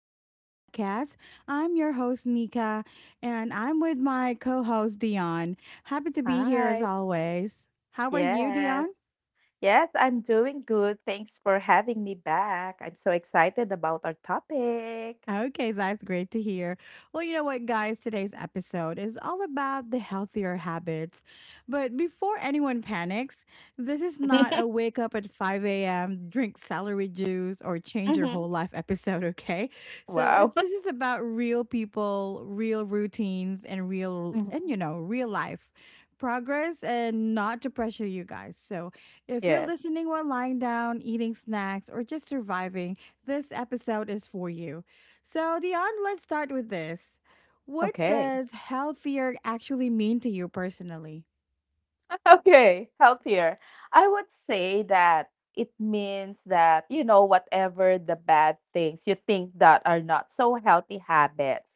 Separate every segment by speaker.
Speaker 1: back to the podcast. I'm your host, Nika, and I'm with my co host, Dion. Happy to be here as
Speaker 2: Hi.
Speaker 1: always. How are you,
Speaker 2: Yes.
Speaker 1: Dion?
Speaker 2: Yes, I'm doing good. Thanks for having me back. I'm so excited about our topic.
Speaker 1: Okay, that's great to hear. Well, you know what, guys, today's episode is all about the healthier habits. But before anyone panics, this is not a wake up at 5 a.m., drink celery juice, or change your
Speaker 2: hmm
Speaker 1: whole life episode, okay? So
Speaker 2: Wow.
Speaker 1: it's, this is about real people, real routines, and
Speaker 2: Mhm.
Speaker 1: you know, real life progress, and not to pressure you guys. So if you're
Speaker 2: Yes.
Speaker 1: listening while lying down, eating snacks, or just surviving, this episode is for you. So, Dion, let's start with this. What
Speaker 2: Okay.
Speaker 1: does healthier actually mean to you personally?
Speaker 2: Okay, healthier. I would say that it means that, you know, whatever the bad things you think that are not so healthy habits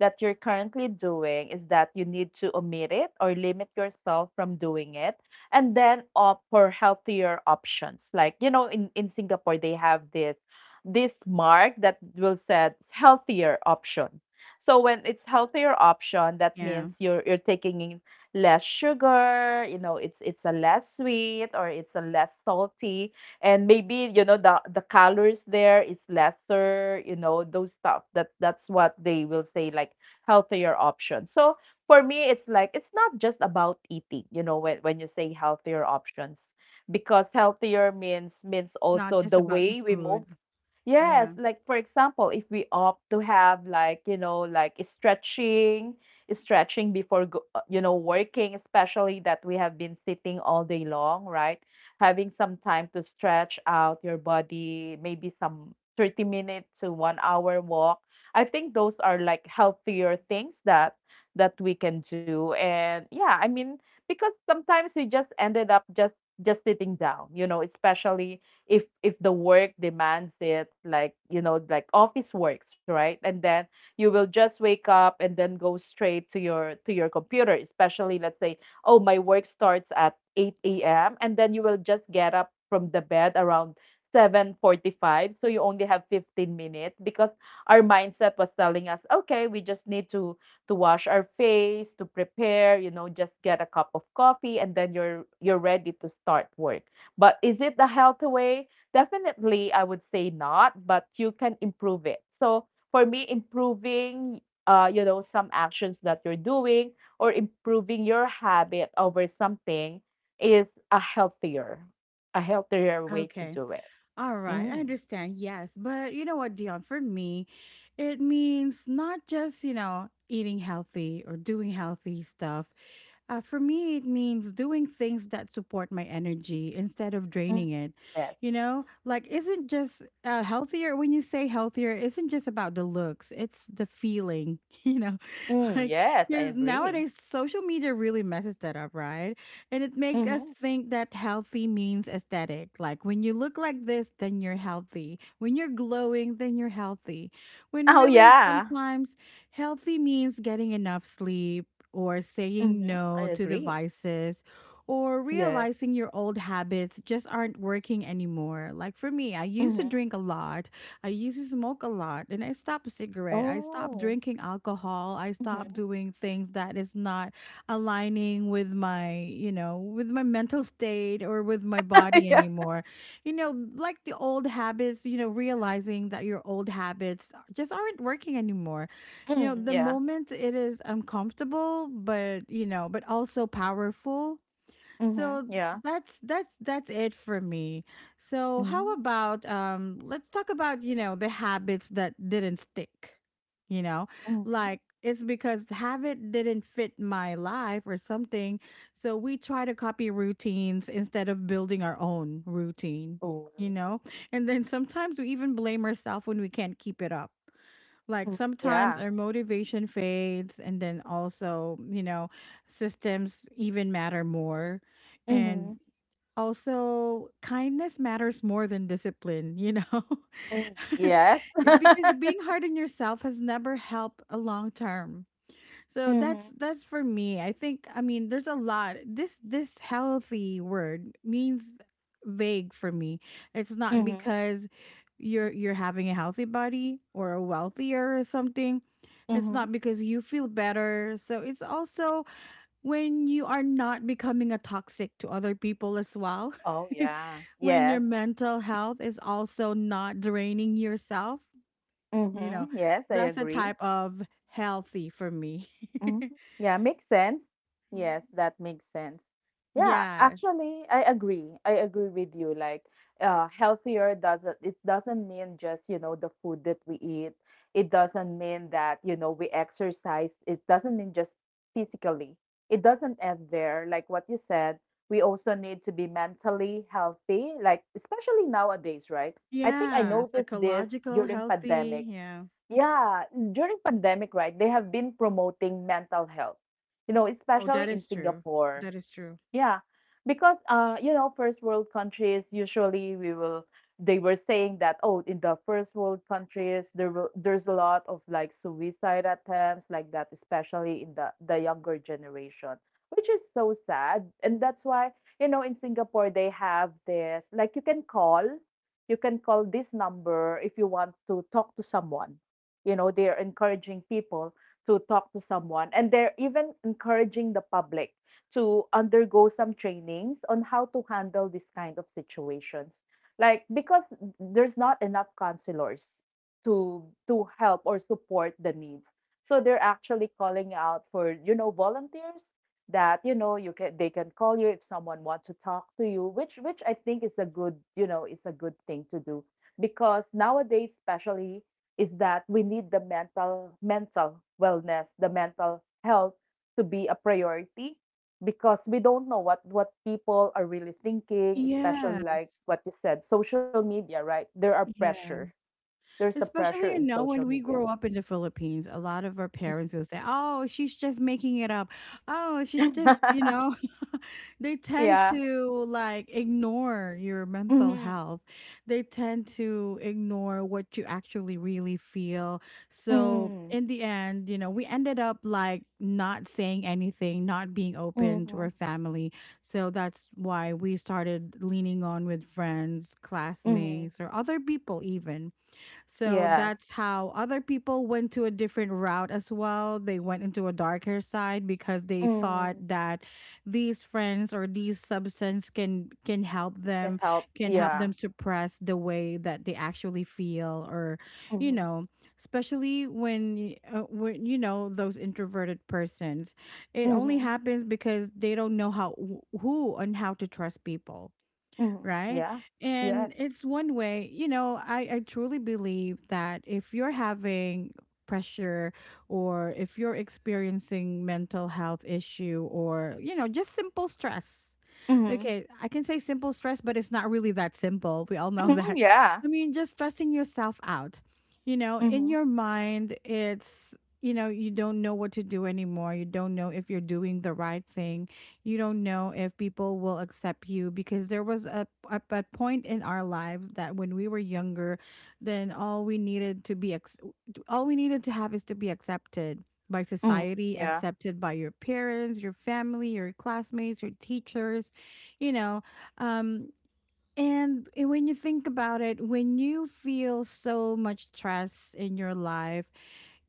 Speaker 2: that you're currently doing is that you need to omit it or limit yourself from doing it, and then opt for healthier options. Like, you know, in Singapore they have this mark that will set healthier option. So when it's healthier option, that
Speaker 1: Yeah,
Speaker 2: means you're taking in less sugar, you know, it's a less sweet or it's a less salty, and maybe, you know, the calories there is lesser, you know, those stuff that that's what they will say, like healthier options. So for me it's like it's not just about eating, you know, when you say healthier options, because healthier means
Speaker 1: not
Speaker 2: also
Speaker 1: just
Speaker 2: the
Speaker 1: about the
Speaker 2: way we move.
Speaker 1: food.
Speaker 2: Yes,
Speaker 1: Yeah,
Speaker 2: like for example, if we opt to have, like, you know, like stretching before go, you know, working, especially that we have been sitting all day long, right? Having some time to stretch out your body, maybe some 30 minute to 1 hour walk. I think those are like healthier things that we can do. And yeah, I mean, because sometimes we just ended up just sitting down, you know, especially if the work demands it, like, you know, like office works, right? And then you will just wake up and then go straight to your computer. Especially, let's say, oh, my work starts at 8 a.m, and then you will just get up from the bed around 7:45, so you only have 15 minutes because our mindset was telling us, okay, we just need to wash our face, to prepare, you know, just get a cup of coffee, and then you're ready to start work. But is it the healthy way? Definitely, I would say not, but you can improve it. So for me, improving, you know, some actions that you're doing or improving your habit over something is a healthier way to
Speaker 1: okay.
Speaker 2: do it.
Speaker 1: All right, I
Speaker 2: Mm.
Speaker 1: understand. Yes, but you know what, Dion, for me, it means not just, eating healthy or doing healthy stuff. For me, it means doing things that support my energy instead of
Speaker 2: Mm,
Speaker 1: draining it.
Speaker 2: yes.
Speaker 1: Like isn't just healthier. When you say healthier, isn't just about the looks; it's the feeling.
Speaker 2: Mm,
Speaker 1: Like
Speaker 2: yes, I
Speaker 1: because
Speaker 2: agree.
Speaker 1: nowadays social media really messes that up, right? And it makes us
Speaker 2: Mm-hmm.
Speaker 1: think that healthy means aesthetic. Like when you look like this, then you're healthy. When you're glowing, then you're healthy. When
Speaker 2: Oh
Speaker 1: really
Speaker 2: yeah.
Speaker 1: sometimes healthy means getting enough sleep, or saying
Speaker 2: Mm-hmm. I
Speaker 1: no to the
Speaker 2: agree.
Speaker 1: vices, or
Speaker 2: Yes.
Speaker 1: realizing your old habits just aren't working anymore. Like for me, I used to
Speaker 2: Mm-hmm.
Speaker 1: drink a lot. I used to smoke a lot, and I stopped cigarette. I stopped
Speaker 2: Oh.
Speaker 1: drinking alcohol. I stopped
Speaker 2: Mm-hmm.
Speaker 1: doing things that is not aligning with my, with my mental state or with my body
Speaker 2: yeah.
Speaker 1: anymore. Like the old habits, realizing that your old habits just aren't working anymore.
Speaker 2: Mm,
Speaker 1: The
Speaker 2: yeah.
Speaker 1: moment it is uncomfortable, but also powerful.
Speaker 2: Mm-hmm.
Speaker 1: So
Speaker 2: Yeah.
Speaker 1: that's it for me. So how about let's talk about, the habits that didn't stick. You know,
Speaker 2: Mm.
Speaker 1: like it's because the habit didn't fit my life or something. So we try to copy routines instead of building our own routine,
Speaker 2: Oh.
Speaker 1: you know? And then sometimes we even blame ourselves when we can't keep it up. Like
Speaker 2: Mm.
Speaker 1: sometimes
Speaker 2: Yeah.
Speaker 1: our motivation fades, and then also, systems even matter more.
Speaker 2: Mhm.
Speaker 1: And also, kindness matters more than discipline, you know?
Speaker 2: Mm. Yes.
Speaker 1: Because being hard on yourself has never helped a long term. So
Speaker 2: Mhm.
Speaker 1: that's for me. I think, I mean, there's a lot. This healthy word means vague for me. It's not
Speaker 2: Mhm.
Speaker 1: because you're having a healthy body or a wealthier or something. It's
Speaker 2: Mhm.
Speaker 1: not because you feel better. So it's also when you are not becoming a toxic to other people as well.
Speaker 2: Oh, yeah.
Speaker 1: When your
Speaker 2: Yes.
Speaker 1: mental health is also not draining yourself, you know,
Speaker 2: Mhm. Yes, I
Speaker 1: that's a
Speaker 2: agree.
Speaker 1: type of healthy for me.
Speaker 2: Mhm. Yeah, makes sense. Yes,
Speaker 1: Mm,
Speaker 2: that makes sense. Yeah,
Speaker 1: yes.
Speaker 2: actually, I agree. I agree with you. Like, healthier doesn't it doesn't mean just, you know, the food that we eat. It doesn't mean that, you know, we exercise. It doesn't mean just physically. It doesn't end there. Like what you said, we also need to be mentally healthy, like especially nowadays, right? I think I
Speaker 1: Yeah,
Speaker 2: noticed this
Speaker 1: psychological,
Speaker 2: during
Speaker 1: healthy,
Speaker 2: pandemic,
Speaker 1: yeah.
Speaker 2: yeah, during pandemic, right, they have been promoting mental health, you know,
Speaker 1: Oh, that
Speaker 2: especially in
Speaker 1: is true.
Speaker 2: Singapore.
Speaker 1: That is true.
Speaker 2: Yeah, because you know, first world countries, usually we will, they were saying that, oh, in the first world countries there's a lot of like suicide attempts like that, especially in the younger generation, which is so sad. And that's why, you know, in Singapore they have this, like, you can call this number if you want to talk to someone. You know, they are encouraging people to talk to someone, and they're even encouraging the public to undergo some trainings on how to handle this kind of situations. Like, because there's not enough counselors to help or support the needs. So they're actually calling out for, you know, volunteers that, you know, you can they can call you if someone wants to talk to you, which I think is a good, you know, is a good thing to do. Because nowadays, especially, is that we need the mental wellness, the mental health, to be a priority, because we don't know what people are really thinking, especially, like
Speaker 1: Yes.
Speaker 2: what you said, social media, right? There are pressure,
Speaker 1: Yes.
Speaker 2: there's a pressure
Speaker 1: Especially,
Speaker 2: in social
Speaker 1: when we
Speaker 2: media.
Speaker 1: grow up in the Philippines, a lot of our parents will say, "Oh, she's just making it up. Oh, she's just, you know." They tend
Speaker 2: yeah
Speaker 1: to like ignore your mental
Speaker 2: mm-hmm.
Speaker 1: health. They tend to ignore what you actually really feel. So,
Speaker 2: mm
Speaker 1: in the end, we ended up like not saying anything, not being open to
Speaker 2: Mm-hmm.
Speaker 1: our family. So that's why we started leaning on with friends,
Speaker 2: Mm-hmm.
Speaker 1: classmates, or other people even. So
Speaker 2: Yes.
Speaker 1: that's how other people went to a different route as well. They went into a darker side because they thought
Speaker 2: Mm.
Speaker 1: that these friends or these substance can help
Speaker 2: Can
Speaker 1: them
Speaker 2: help, yeah.
Speaker 1: suppress the way that they actually feel, or you
Speaker 2: Mm-hmm.
Speaker 1: know, especially when when you know those introverted persons. It only
Speaker 2: Mm-hmm.
Speaker 1: happens because they don't know who and how to trust people,
Speaker 2: Mm-hmm.
Speaker 1: right?
Speaker 2: Yeah.
Speaker 1: And
Speaker 2: Yes.
Speaker 1: it's one way, I truly believe that if you're having pressure, or if you're experiencing mental health issue, or, just simple stress.
Speaker 2: Mm-hmm.
Speaker 1: Okay, I can say simple stress, but it's not really that simple. We all know
Speaker 2: Mm-hmm.
Speaker 1: that.
Speaker 2: Yeah.
Speaker 1: I mean, just stressing yourself out. In
Speaker 2: Mm-hmm.
Speaker 1: your mind, you don't know what to do anymore. You don't know if you're doing the right thing. You don't know if people will accept you, because there was a point in our lives that when we were younger, then all we needed to all we needed to have is to be accepted by
Speaker 2: Mm-hmm.
Speaker 1: society,
Speaker 2: Yeah.
Speaker 1: accepted by your parents, your family, your classmates, your teachers, you know um and when you think about it, when you feel so much stress in your life,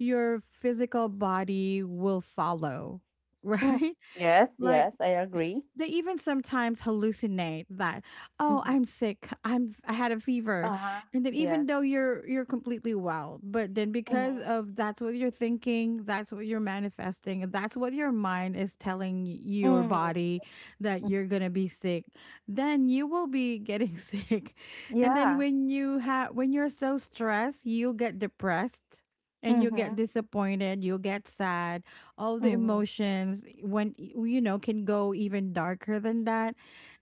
Speaker 1: your physical body will follow,
Speaker 2: Mm.
Speaker 1: right?
Speaker 2: Yes,
Speaker 1: Like,
Speaker 2: yes, I
Speaker 1: s-
Speaker 2: agree.
Speaker 1: they even sometimes hallucinate that, "Oh,
Speaker 2: Mm-hmm.
Speaker 1: I'm sick, I had a fever."
Speaker 2: Uh-huh.
Speaker 1: And then, even
Speaker 2: Yes.
Speaker 1: though you're completely well, but then, because
Speaker 2: Mm-hmm.
Speaker 1: of that's what you're thinking, that's what you're manifesting, and that's what your mind is telling your
Speaker 2: Mm.
Speaker 1: body, that you're gonna be sick, then you will be getting sick. And then
Speaker 2: Yeah.
Speaker 1: when you have when you're so stressed, you'll get depressed, and you'll get
Speaker 2: Mhm.
Speaker 1: disappointed, you'll get sad. All the
Speaker 2: Mhm.
Speaker 1: emotions, when you know can go even darker than that.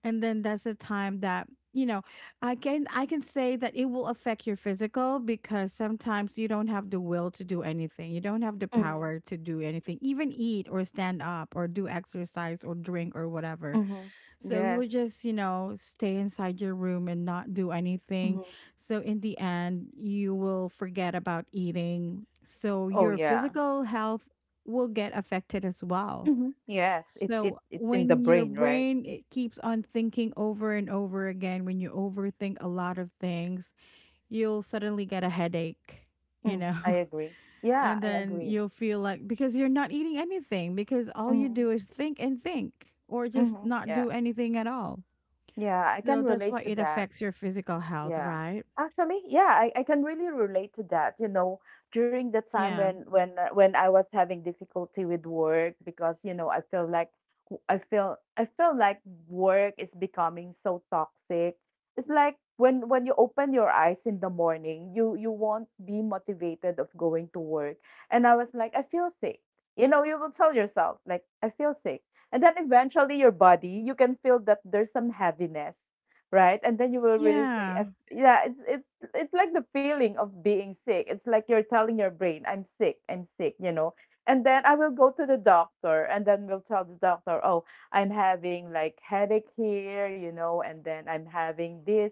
Speaker 1: And then that's the time that, you know I can say that it will affect your physical, because sometimes you don't have the will to do anything. You don't have the
Speaker 2: Mhm.
Speaker 1: power to do anything, even eat or stand up or do exercise or drink or whatever.
Speaker 2: Mhm.
Speaker 1: So you
Speaker 2: Yes.
Speaker 1: would just, stay inside your room and not do anything.
Speaker 2: Mhm.
Speaker 1: So in the end, you will forget about eating. So
Speaker 2: Oh
Speaker 1: your
Speaker 2: yeah.
Speaker 1: physical health will get affected as well.
Speaker 2: Mhm. Yes. It it
Speaker 1: So
Speaker 2: it's in the
Speaker 1: when your
Speaker 2: brain, right?
Speaker 1: brain, it keeps on thinking over and over again, when you overthink a lot of things, you'll suddenly get a headache, you
Speaker 2: Mm,
Speaker 1: know.
Speaker 2: I agree. Yeah,
Speaker 1: And
Speaker 2: I
Speaker 1: then
Speaker 2: agree.
Speaker 1: you'll feel like, because you're not eating anything, because all you
Speaker 2: Mhm.
Speaker 1: do is think and think, or just
Speaker 2: Mhm.
Speaker 1: not
Speaker 2: Yeah.
Speaker 1: do anything at all.
Speaker 2: Yeah, I
Speaker 1: So
Speaker 2: can
Speaker 1: that's
Speaker 2: relate
Speaker 1: why
Speaker 2: to
Speaker 1: it
Speaker 2: that.
Speaker 1: affects your physical health,
Speaker 2: Yeah.
Speaker 1: right?
Speaker 2: Actually, yeah, I can really relate to that. You know, during the time
Speaker 1: Yeah.
Speaker 2: when when I was having difficulty with work, because, you know, I feel like I feel like work is becoming so toxic. It's like when you open your eyes in the morning, you won't be motivated of going to work. And I was like, I feel sick. You know, you will tell yourself, like, I feel sick. And then eventually your body, you can feel that there's some heaviness, right? And then you will really say,
Speaker 1: Yeah.
Speaker 2: I, yeah, it's it's like the feeling of being sick. It's like you're telling your brain, I'm sick, I'm sick, you know. And then I will go to the doctor and then we'll tell the doctor, oh, I'm having like headache here, you know, and then I'm having this,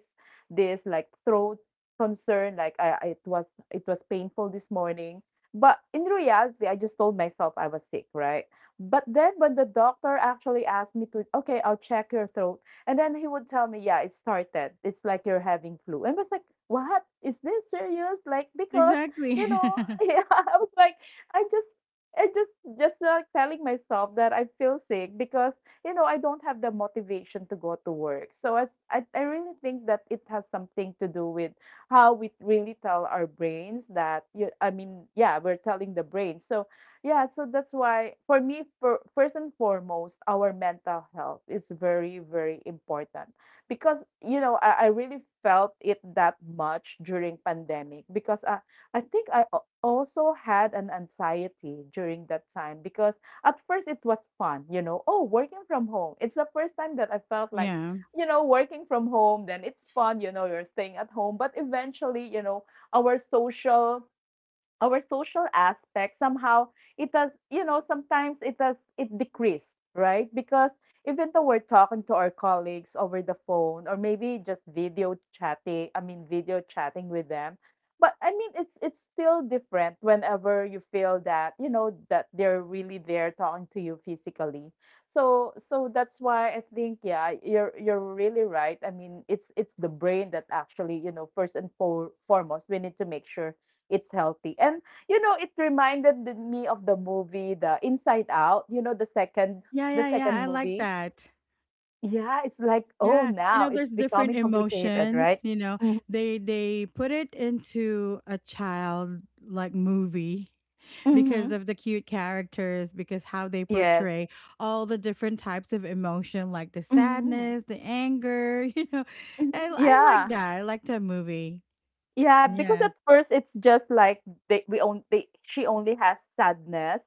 Speaker 2: like, throat concern. Like, I- it was painful this morning, but in reality I just told myself I was sick, right? But then when the doctor actually asked me to, okay, I'll check your throat, and then he would tell me, yeah, it started. It's like you're having flu. And I was like, what? Is this serious? Like, because,
Speaker 1: Exactly.
Speaker 2: you know, yeah, I was like, I just, I just, like telling myself that I feel sick because, you know, I don't have the motivation to go to work. So as, I really think that it has something to do with how we really tell our brains that, you, I mean, yeah, we're telling the brain. So yeah, so that's why for me, first and foremost, our mental health is very, very important, because, you know, I really felt it that much during pandemic, because I think I also had an anxiety during that time, because at first it was fun, you know, oh, working from home. It's the first time that I felt like,
Speaker 1: Yeah.
Speaker 2: you know, working from home, then it's fun, you know, you're staying at home, but eventually, you know, our social our social aspect somehow, it does you know, sometimes it does, it decreased, right? Because, even though we're talking to our colleagues over the phone, or maybe just video chatting I mean video chatting with them, but I mean it's still different whenever you feel that, you know, that they're really there talking to you physically. So that's why I think, yeah, you're really right, I mean, it's the brain that actually, you know, foremost, we need to make sure it's healthy. And, you know, it reminded me of the movie The Inside Out, you know, the second,
Speaker 1: Yeah,
Speaker 2: the
Speaker 1: yeah, yeah. I
Speaker 2: second
Speaker 1: like
Speaker 2: movie.
Speaker 1: that.
Speaker 2: Yeah, it's like, oh,
Speaker 1: Yeah.
Speaker 2: now it's
Speaker 1: There's different
Speaker 2: becoming complicated,
Speaker 1: emotions,
Speaker 2: right?
Speaker 1: you know. They put it into a child like movie,
Speaker 2: Mm-hmm.
Speaker 1: because of the cute characters, because how they
Speaker 2: Yes.
Speaker 1: portray all the different types of emotion like the
Speaker 2: Mm-hmm.
Speaker 1: sadness, the anger. I like
Speaker 2: Yeah.
Speaker 1: that. I like that movie.
Speaker 2: Yeah, because
Speaker 1: Yeah.
Speaker 2: at first it's just like, they we only they, she only has sadness,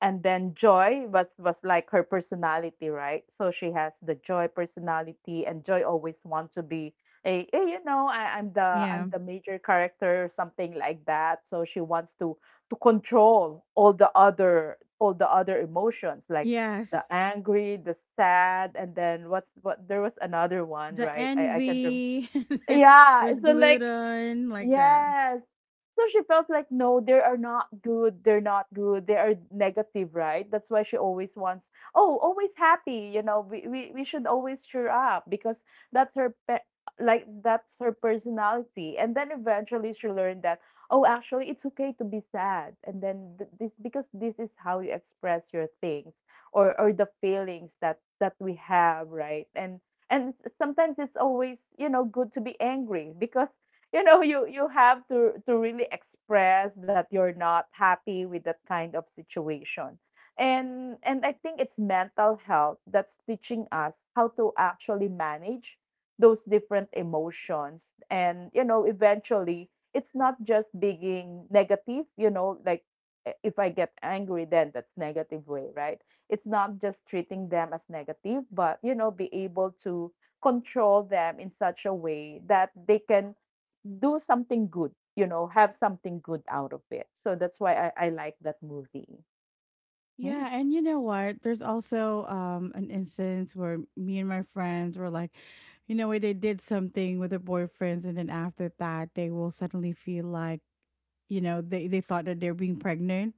Speaker 2: and then joy was, like, her personality, right? So she has the joy personality, and joy always wants to be a, "Hey, you know
Speaker 1: Yeah.
Speaker 2: I'm the major character" or something like that. So she wants to control all the other emotions, like the
Speaker 1: Yes.
Speaker 2: angry, the sad, and then what's what, there was another one,
Speaker 1: The
Speaker 2: right? I can't remember.
Speaker 1: envy.
Speaker 2: Yeah,
Speaker 1: There's
Speaker 2: it's so like,
Speaker 1: gluten like that.
Speaker 2: yes. So she felt like, no, they are not good. They're not good. They are negative, right? That's why she always wants, oh, always happy. You know, we should always cheer up because that's like, that's her personality. And then eventually she learned that, oh, actually, it's okay to be sad. And then this, because this is how you express your things or the feelings that, we have, right? And sometimes it's always, you know, good to be angry, because, you know, you have to really express that you're not happy with that kind of situation. And I think it's mental health that's teaching us how to actually manage those different emotions. And, you know, eventually, it's not just being negative, you know, like, if I get angry, then that's negative way, right? It's not just treating them as negative, but, you know, be able to control them in such a way that they can do something good, you know, have something good out of it. So that's why I like that movie. Mm.
Speaker 1: Yeah, and you know what, there's also an instance where me and my friends were like, you know what, they did something with their boyfriends, and then after that, they will suddenly feel like, they thought that they're being pregnant,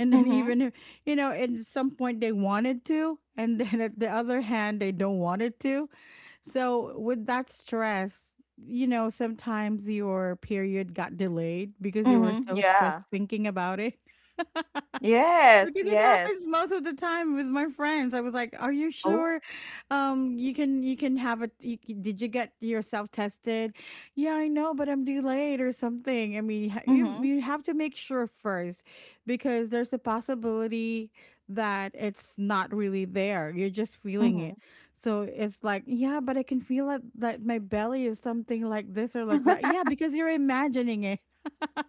Speaker 1: and then
Speaker 2: Mm-hmm.
Speaker 1: even if- at some point they wanted to, and then at the other hand they don't want it to. So with that stress, sometimes your period got delayed because you were
Speaker 2: Mm-hmm.
Speaker 1: so stressed
Speaker 2: Yeah.
Speaker 1: thinking about it.
Speaker 2: Yes.
Speaker 1: Because it
Speaker 2: Yes.
Speaker 1: happens most of the time with my friends. I was like, "Are you
Speaker 2: Oh.
Speaker 1: sure? You can have a you, c- did you get yourself tested? Yeah, I know, but I'm delayed or something. I mean, you,
Speaker 2: Mm-hmm.
Speaker 1: you have to make sure first, because there's a possibility that it's not really there. You're just feeling
Speaker 2: Mm-hmm.
Speaker 1: it." So it's like, yeah, but I can feel it, that my belly is something like this or like that. Yeah, because you're imagining it.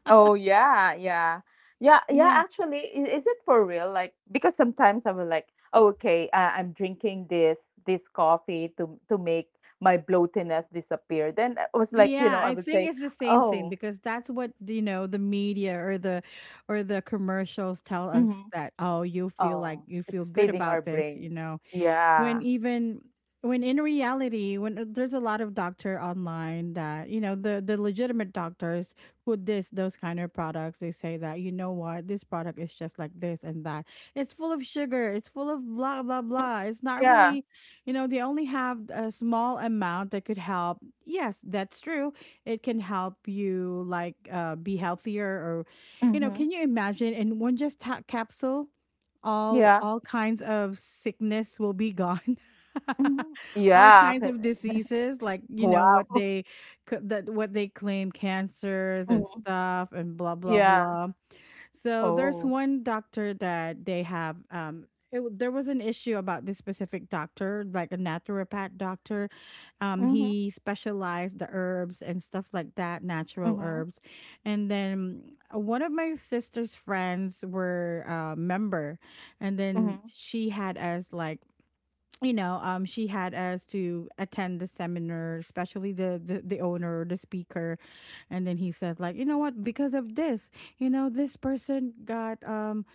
Speaker 2: Oh yeah, yeah. Yeah, yeah,
Speaker 1: Yeah.
Speaker 2: actually, is it for real? Like, because sometimes I'm like, oh, okay, I'm drinking this coffee to make my bloatiness disappear. Then I was like, you
Speaker 1: Yeah,
Speaker 2: know, I
Speaker 1: I
Speaker 2: would
Speaker 1: think
Speaker 2: say,
Speaker 1: it's the same thing,
Speaker 2: oh.
Speaker 1: because that's what, the media or the commercials tell us
Speaker 2: Mm-hmm.
Speaker 1: that, oh,
Speaker 2: Oh,
Speaker 1: you feel
Speaker 2: it's
Speaker 1: good
Speaker 2: feeding our
Speaker 1: about this,
Speaker 2: brain.
Speaker 1: when
Speaker 2: Yeah.
Speaker 1: even when in reality, when there's a lot of doctor online that, the legitimate doctors who diss those kind of products, they say that, you know what, this product is just like this and that, it's full of sugar, it's full of blah blah blah, it's not
Speaker 2: Yeah.
Speaker 1: really, they only have a small amount that could help. Yes, that's true. It can help you like, be healthier, or,
Speaker 2: Mhm.
Speaker 1: can you imagine, in one just capsule, all
Speaker 2: Yeah.
Speaker 1: all kinds of sickness will be gone.
Speaker 2: Mhm.
Speaker 1: All
Speaker 2: Yeah.
Speaker 1: kinds
Speaker 2: Okay.
Speaker 1: of diseases, like,
Speaker 2: Wow.
Speaker 1: that what they claim, cancers and
Speaker 2: Mhm.
Speaker 1: stuff and blah blah
Speaker 2: Yeah.
Speaker 1: blah. So
Speaker 2: Oh.
Speaker 1: there's one doctor that they have. There was an issue about this specific doctor, like a naturopath doctor.
Speaker 2: Mhm.
Speaker 1: He specialized the herbs and stuff like that, natural
Speaker 2: Mhm.
Speaker 1: herbs. And then one of my sister's friends were a member, and then
Speaker 2: Mhm.
Speaker 1: she had us like. She had us to attend the seminar, especially the owner, the speaker, and then he says like you know what, because of this this person got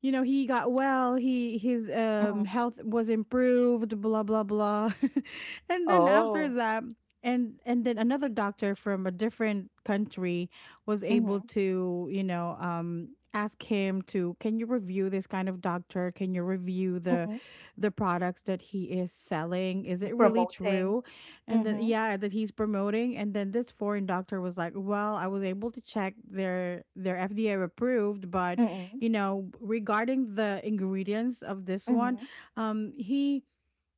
Speaker 1: he got well he his
Speaker 2: Mhm.
Speaker 1: health was improved, blah blah blah. And then after
Speaker 2: Oh.
Speaker 1: that and then another doctor from a different country was able
Speaker 2: Mhm.
Speaker 1: to ask him to, can you review this kind of doctor, can you review
Speaker 2: Mhm.
Speaker 1: the products that he is selling, is it really
Speaker 2: Promoting.
Speaker 1: true? And then,
Speaker 2: Mhm.
Speaker 1: yeah, that he's promoting. And then this foreign doctor was like, well, I was able to check their FDA approved, but
Speaker 2: Mhm.
Speaker 1: you know regarding the ingredients of this one,
Speaker 2: Mhm.
Speaker 1: um he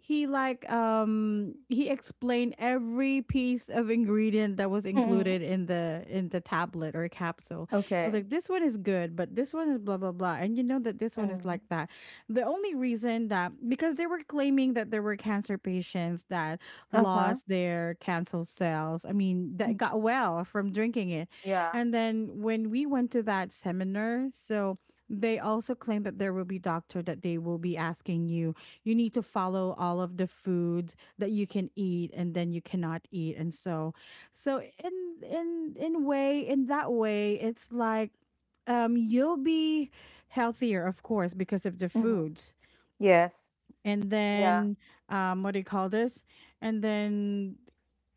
Speaker 1: he like he explained every piece of ingredient that was
Speaker 2: Mhm.
Speaker 1: included in the tablet or capsule. It was
Speaker 2: Okay.
Speaker 1: like, this one is good, but this one is blah blah blah, and you know that this one
Speaker 2: Mhm.
Speaker 1: is like that. The only reason that because they were claiming that there were cancer patients that
Speaker 2: Uh-huh.
Speaker 1: lost their cancer cells, I mean
Speaker 2: Mhm.
Speaker 1: that got well from drinking it.
Speaker 2: Yeah.
Speaker 1: And then when we went to that seminar, so they also claim that there will be doctor that they will be asking you, you need to follow all of the foods that you can eat and then you cannot eat. And so so in way, in that way, it's like, you'll be healthier, of course, because of the
Speaker 2: Mhm.
Speaker 1: foods.
Speaker 2: Yes.
Speaker 1: And
Speaker 2: Yeah.
Speaker 1: then, what do you call this, and then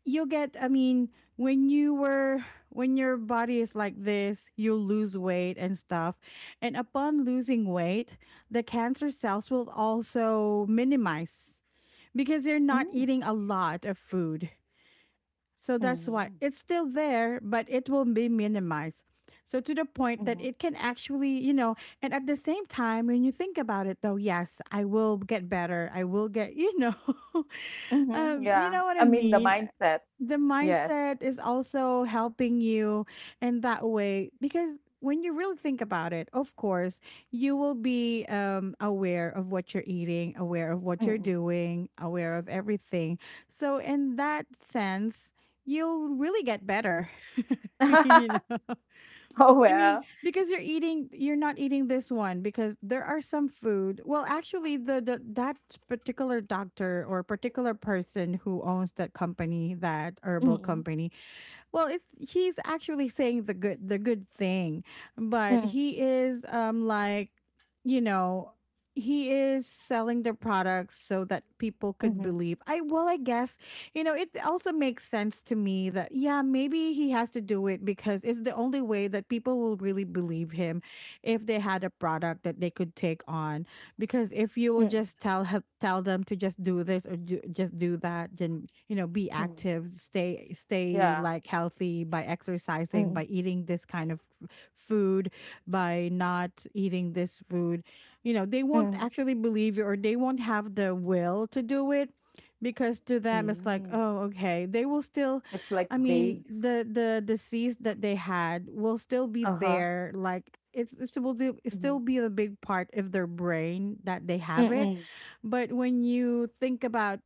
Speaker 1: you'll get, I mean when you were when your body is like this, you lose weight and stuff, and upon losing weight, the cancer cells will also minimize because they are
Speaker 2: Mhm.
Speaker 1: not eating a lot of food. So that's
Speaker 2: Mhm.
Speaker 1: why it's still there, but it will be minimized. So to the point
Speaker 2: Mhm.
Speaker 1: that it can actually, you know, and at the same time, when you think about it, though, yes, I will get better, I will get, you know,
Speaker 2: Mhm.
Speaker 1: you
Speaker 2: Yeah.
Speaker 1: know what
Speaker 2: I
Speaker 1: I
Speaker 2: mean the
Speaker 1: mean.
Speaker 2: mindset.
Speaker 1: The
Speaker 2: Yes.
Speaker 1: mindset is also helping you in that way, because when you really think about it, of course, you will be aware of what you're eating, aware of what you're
Speaker 2: Mhm.
Speaker 1: doing, aware of everything. So in that sense, you'll really get better. You know,
Speaker 2: Oh
Speaker 1: I mean,
Speaker 2: well.
Speaker 1: because you're eating, you're not eating this one because there are some food. Well, actually, the that particular doctor or particular person who owns that company, that herbal
Speaker 2: Mhm.
Speaker 1: company, well, it's he's actually saying the good thing, but
Speaker 2: Mhm.
Speaker 1: he is like, you know, he is selling their products so that people
Speaker 2: Mhm.
Speaker 1: could believe. I, well, I guess, you know, it also makes sense to me that, yeah, maybe he has to do it because it's the only way that people will really believe him if they had a product that they could take on. Because if you
Speaker 2: Mhm.
Speaker 1: will just tell tell them to just do this or do, just do that, then you know, be
Speaker 2: Mm.
Speaker 1: active, stay
Speaker 2: Yeah.
Speaker 1: stay like healthy, by
Speaker 2: Mm,
Speaker 1: exercising, by eating this kind of food, by not eating this food, you know they won't
Speaker 2: mhm.
Speaker 1: actually believe you, or they won't have the will to do it, because to them it's like,
Speaker 2: Mm.
Speaker 1: oh okay, they will still,
Speaker 2: It's like
Speaker 1: I
Speaker 2: vague.
Speaker 1: mean, the disease that they had will still be
Speaker 2: Uh-huh.
Speaker 1: there. Like it's it
Speaker 2: Mhm.
Speaker 1: still be a big part of their brain that they have it.
Speaker 2: Mm.
Speaker 1: But when you think about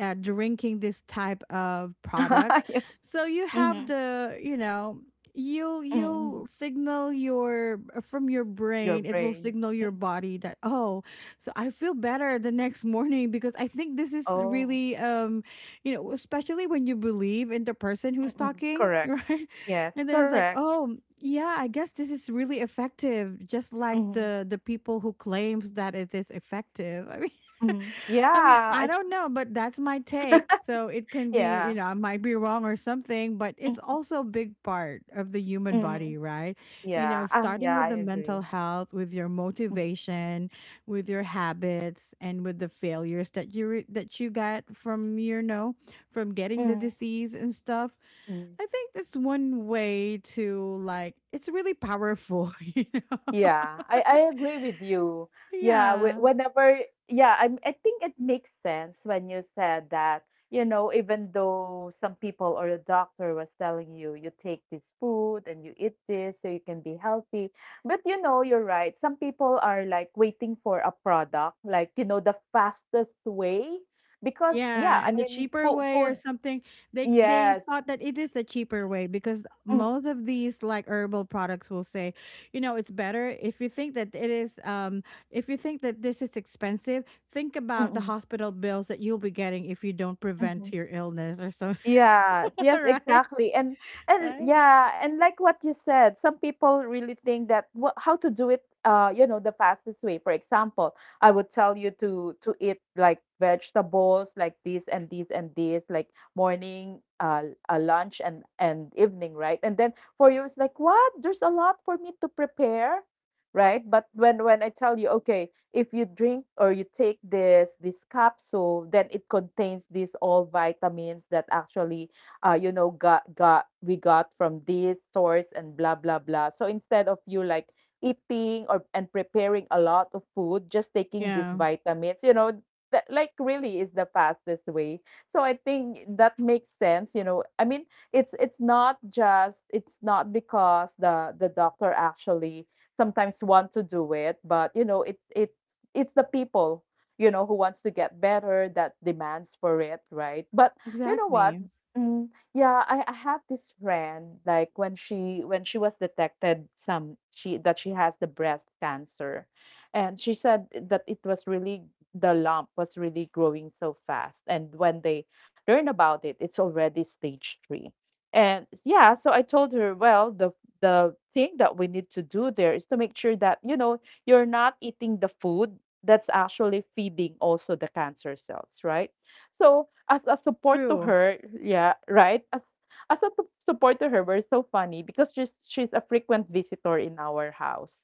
Speaker 1: drinking this type of product,
Speaker 2: Yes.
Speaker 1: so you have
Speaker 2: Mhm,
Speaker 1: the, you know, you'll
Speaker 2: mm.
Speaker 1: you'll signal your, from your
Speaker 2: Your
Speaker 1: brain it will
Speaker 2: brain.
Speaker 1: signal
Speaker 2: Mm.
Speaker 1: your body that, oh, so I feel better the next morning because I think this is
Speaker 2: Oh.
Speaker 1: really you know, especially when you believe in the person who's
Speaker 2: Mm.
Speaker 1: talking,
Speaker 2: Correct.
Speaker 1: right?
Speaker 2: Yes,
Speaker 1: And then it's like,
Speaker 2: correct.
Speaker 1: oh yeah, I guess this is really effective, just like
Speaker 2: Mhm,
Speaker 1: the people who claims that it is effective. I mean,
Speaker 2: mhm. Yeah,
Speaker 1: I mean, I
Speaker 2: I
Speaker 1: don't know, but that's my take. So it can be, you
Speaker 2: yeah.
Speaker 1: know, I might be wrong or something, but it's
Speaker 2: Mm,
Speaker 1: also a big part of the human
Speaker 2: mhm.
Speaker 1: body, right? You
Speaker 2: Yeah.
Speaker 1: know,
Speaker 2: Ah,
Speaker 1: starting
Speaker 2: yeah,
Speaker 1: with
Speaker 2: I
Speaker 1: the mental
Speaker 2: agree.
Speaker 1: health, with your
Speaker 2: Mhm,
Speaker 1: motivation, with your habits, and with the failures that you that you got from, you know, from getting the
Speaker 2: mhm.
Speaker 1: disease and stuff.
Speaker 2: Mm.
Speaker 1: I think that's one way to, like, it's really powerful. You know.
Speaker 2: Yeah, I agree with you. Yeah,
Speaker 1: Yeah.
Speaker 2: whenever, yeah, I think it makes sense when you said that, you know, even though some people or a doctor was telling you, you take this food and you eat this so you can be healthy. But you know, you're right. Some people are like waiting for a product, like, you know, the fastest way. Because, yeah,
Speaker 1: Yeah,
Speaker 2: I
Speaker 1: and the
Speaker 2: mean,
Speaker 1: cheaper
Speaker 2: food,
Speaker 1: way or
Speaker 2: food,
Speaker 1: something. They
Speaker 2: yes.
Speaker 1: thought that it is a cheaper way because
Speaker 2: Mm-hmm.
Speaker 1: most of these like herbal products will say, you know, it's better if you think that it is, if you think that this is expensive, think about the
Speaker 2: Mm-hmm,
Speaker 1: hospital bills that you'll be getting if you don't
Speaker 2: mm-hmm.
Speaker 1: prevent your illness or something.
Speaker 2: Yes, yes,
Speaker 1: Right?
Speaker 2: exactly. And
Speaker 1: Right?
Speaker 2: yeah, and like what you said, some people really think that what how to do it you know the fastest way. For example, I would tell you to eat like vegetables like this and this and this like morning lunch and evening, right? And then for you it's like what? There's a lot for me to prepare, right? But when I tell you, okay, if you drink or you take this capsule, then it contains these all vitamins that actually you know got we got from this source and blah blah blah. So instead of you like eating or and preparing a lot of food, just taking these
Speaker 1: Yeah,
Speaker 2: vitamins, you know, that like really is the fastest way. So I think that makes sense, you know. I mean, it's not because the doctor actually sometimes want to do it, but you know, it it's the people, you know, who wants to get better that demands for it, right? But you know what?
Speaker 1: exactly.
Speaker 2: Mm, yeah, I have this friend, like when she was detected some she that she has the breast cancer, and she said that it was really the lump was really growing so fast, and when they learn about it, it's already stage three. And yeah, so I told her, well, the thing that we need to do there is to make sure that you know you're not eating the food that's actually feeding also the cancer cells, right? So as a support to
Speaker 1: True.
Speaker 2: her, yeah, right, as a support to her, we're so funny because she's a frequent visitor in our house,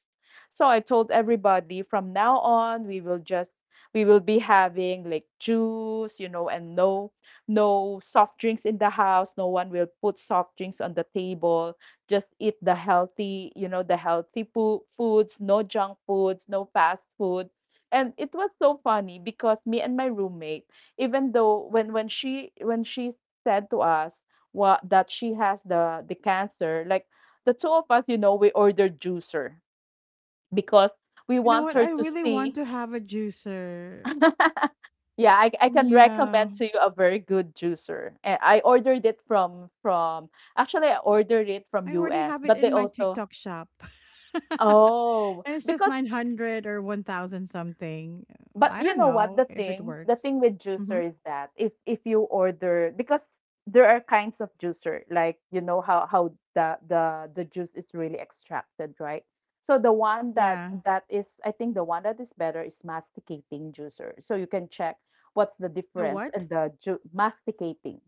Speaker 2: so I told everybody from now on we will just we will be having like juice, you know, and no no soft drinks in the house. No one will put soft drinks on the table. Just eat the healthy, you know, the healthy foods, no junk foods, no fast food. And it was so funny because me and my roommate, even though when she said to us what that she has the cancer, like the two of us, you know, we ordered juicer because we
Speaker 1: You know
Speaker 2: want
Speaker 1: what?
Speaker 2: her
Speaker 1: I
Speaker 2: to
Speaker 1: really want
Speaker 2: see.
Speaker 1: to have a juicer.
Speaker 2: Yeah, I can
Speaker 1: Yeah.
Speaker 2: recommend to you a very good juicer. Eh, I ordered it from actually I ordered it from
Speaker 1: I already
Speaker 2: US,
Speaker 1: have it
Speaker 2: but they
Speaker 1: in my
Speaker 2: also
Speaker 1: TikTok shop.
Speaker 2: Oh,
Speaker 1: And it's just
Speaker 2: because
Speaker 1: 900 or 1,000 something.
Speaker 2: but
Speaker 1: I
Speaker 2: you
Speaker 1: don't
Speaker 2: know what?
Speaker 1: know if it
Speaker 2: The
Speaker 1: works.
Speaker 2: thing with
Speaker 1: Mm-hmm.
Speaker 2: juicer is that if you order because there are kinds of juicer, like you know how the juice is really extracted, right? So the one that
Speaker 1: Yeah.
Speaker 2: that is, I think the one that is better is masticating juicer. So you can check what's the
Speaker 1: The
Speaker 2: difference
Speaker 1: what?
Speaker 2: and the masticating.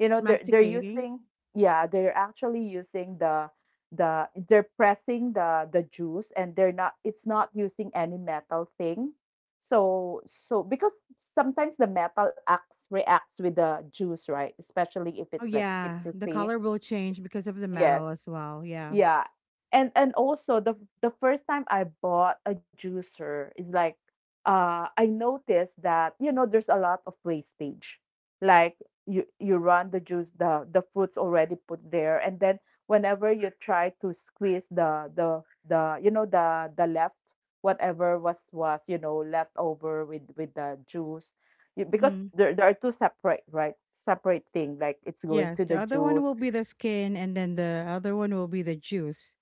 Speaker 2: You know, they're
Speaker 1: Masticating?
Speaker 2: using, yeah, they're actually using the they're pressing the juice and they're not it's not using any metal thing so so because sometimes the metal acts reacts with the juice, right? Especially if
Speaker 1: Oh
Speaker 2: it's like
Speaker 1: yeah, the
Speaker 2: citrusy.
Speaker 1: color will change because of the
Speaker 2: Yes,
Speaker 1: metal as well. Yeah.
Speaker 2: yeah. And also the first time I bought a juicer is like I noticed that you know there's a lot of wastage. Like you run the juice the fruits already put there and then whenever you try to squeeze the you know the left whatever was you know left over with the juice, you, because
Speaker 1: Mm-hmm.
Speaker 2: there are two separate, right, separate thing like it's going
Speaker 1: Yes.
Speaker 2: to
Speaker 1: The
Speaker 2: the
Speaker 1: other one
Speaker 2: juice
Speaker 1: will be the skin, and then the other one will be the juice.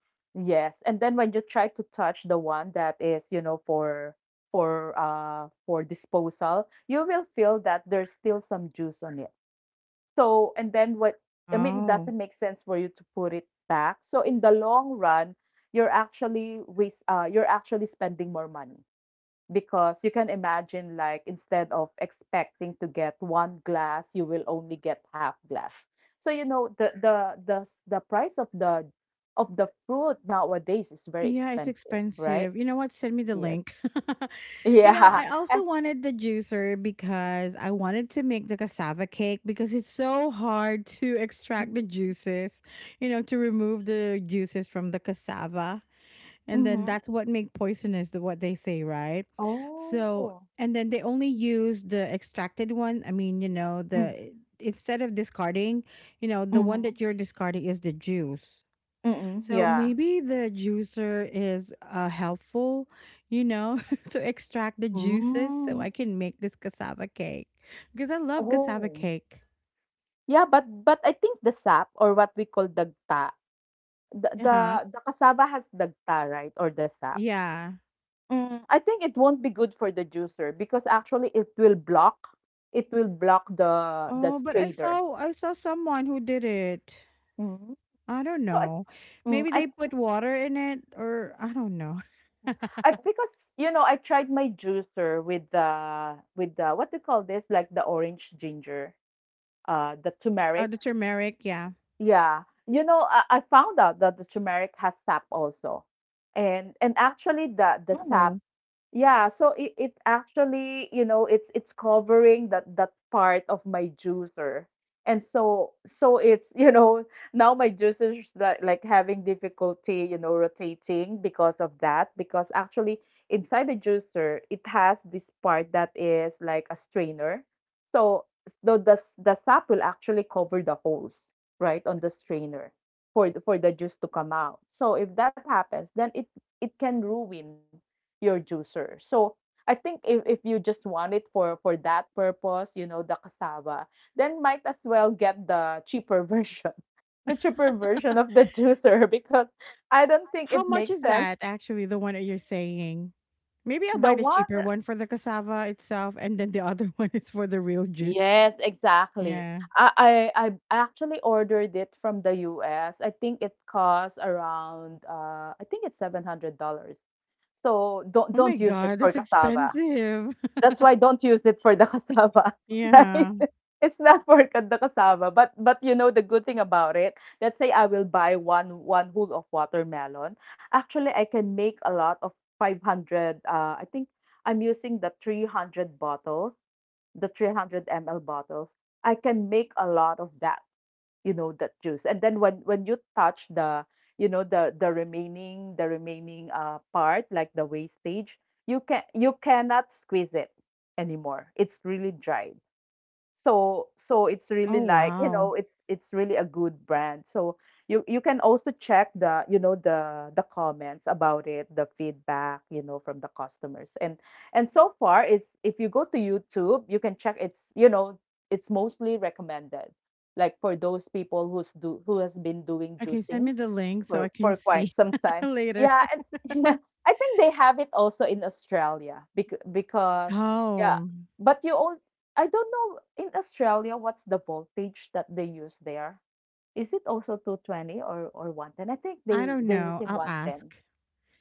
Speaker 2: Yes, and then when you try to touch the one that is, you know, for disposal, you will feel that there's still some juice on it. So, and then what I mean, it
Speaker 1: Oh.
Speaker 2: doesn't make sense for you to put it back. So in the long run, you're actually waste you're actually spending more money because you can imagine like instead of expecting to get one glass you will only get half glass. So you know the the price of the fruit nowadays is very
Speaker 1: Yeah, it's
Speaker 2: expensive, right?
Speaker 1: expensive. You know what? Send me the
Speaker 2: Yes.
Speaker 1: link. You know,
Speaker 2: Yeah.
Speaker 1: I also
Speaker 2: And,
Speaker 1: wanted the juicer because I wanted to make the cassava cake because it's so hard to extract the juices, you know, to remove the juices from the cassava. And then
Speaker 2: mm-hmm.
Speaker 1: that's what make poisonous, what they say, right? So,
Speaker 2: Oh,
Speaker 1: and then they only use the extracted one. I mean, you know,
Speaker 2: mm-hmm.
Speaker 1: the, instead of discarding, you know, the one that you're discarding is the juice.
Speaker 2: Mm-hmm.
Speaker 1: So
Speaker 2: Yeah.
Speaker 1: maybe the juicer is helpful, you know, to extract the juices so
Speaker 2: Mm.
Speaker 1: I can make this cassava cake because I love cassava
Speaker 2: Oh.
Speaker 1: cake.
Speaker 2: Yeah, but I think the sap or what we call dagta, the
Speaker 1: Uh
Speaker 2: the,
Speaker 1: huh.
Speaker 2: the cassava has dagta, right? Or the sap.
Speaker 1: Yeah.
Speaker 2: Mm, I think it won't be good for the juicer because actually it will block the
Speaker 1: Oh, but
Speaker 2: strainer.
Speaker 1: I saw someone who did it.
Speaker 2: Mhm.
Speaker 1: I don't
Speaker 2: So I,
Speaker 1: know.
Speaker 2: mm,
Speaker 1: Maybe they put water in it, or I don't know.
Speaker 2: I because you know I tried my juicer with the what do you call this like the orange ginger the turmeric
Speaker 1: The turmeric. Yeah.
Speaker 2: yeah you know I found out that the turmeric has sap also and actually the sap
Speaker 1: Oh.
Speaker 2: Yeah, so it actually, you know, it's covering that that part of my juicer. And so so it's, you know, now my juicer is like having difficulty, you know, rotating because of that because actually inside the juicer it has this part that is like a strainer. So so the the sap will actually cover the holes, right, on the strainer for the juice to come out. So if that happens, then it can ruin your juicer. So I think if you just want it for that purpose, you know, the cassava, then might as well get the cheaper version. The cheaper version of the juicer because I don't think
Speaker 1: How
Speaker 2: it
Speaker 1: much
Speaker 2: makes
Speaker 1: is
Speaker 2: sense.
Speaker 1: that actually, the one that you're saying? Maybe I'll
Speaker 2: The
Speaker 1: buy the
Speaker 2: one
Speaker 1: cheaper
Speaker 2: that-
Speaker 1: one for the cassava itself, and then the other one is for the real juice.
Speaker 2: Yes, exactly.
Speaker 1: Yeah.
Speaker 2: I actually ordered it from the US. I think it costs around I think it's $700. So
Speaker 1: Oh my
Speaker 2: don't use it
Speaker 1: god,
Speaker 2: for
Speaker 1: that's
Speaker 2: cassava.
Speaker 1: expensive.
Speaker 2: That's why don't use it for the cassava,
Speaker 1: Yeah.
Speaker 2: right? It's not for the cassava, but you know the good thing about it. Let's say I will buy one one whole of watermelon. Actually, I can make a lot of 500. I think I'm using the 300 bottles, the 300 ml bottles. I can make a lot of that, you know, that juice. And then when you touch the you know the remaining part like the wastage, you can you cannot squeeze it anymore. It's really dry. So so it's really
Speaker 1: Oh
Speaker 2: like you
Speaker 1: wow.
Speaker 2: know it's really a good brand. So you can also check the you know the comments about it, the feedback, you know, from the customers. And so far it's if you go to YouTube you can check it's you know it's mostly recommended like for those people who's do who has been doing
Speaker 1: Okay, send
Speaker 2: juicing
Speaker 1: me the link so I can
Speaker 2: for quite
Speaker 1: see
Speaker 2: some time.
Speaker 1: later.
Speaker 2: Yeah, and I think they have it also in Australia because yeah,
Speaker 1: Oh,
Speaker 2: but you all I don't know in Australia what's the voltage that they use there. Is it also 220 or 110? I think
Speaker 1: I
Speaker 2: they
Speaker 1: don't
Speaker 2: they're
Speaker 1: know.
Speaker 2: using
Speaker 1: I'll
Speaker 2: 110.
Speaker 1: ask.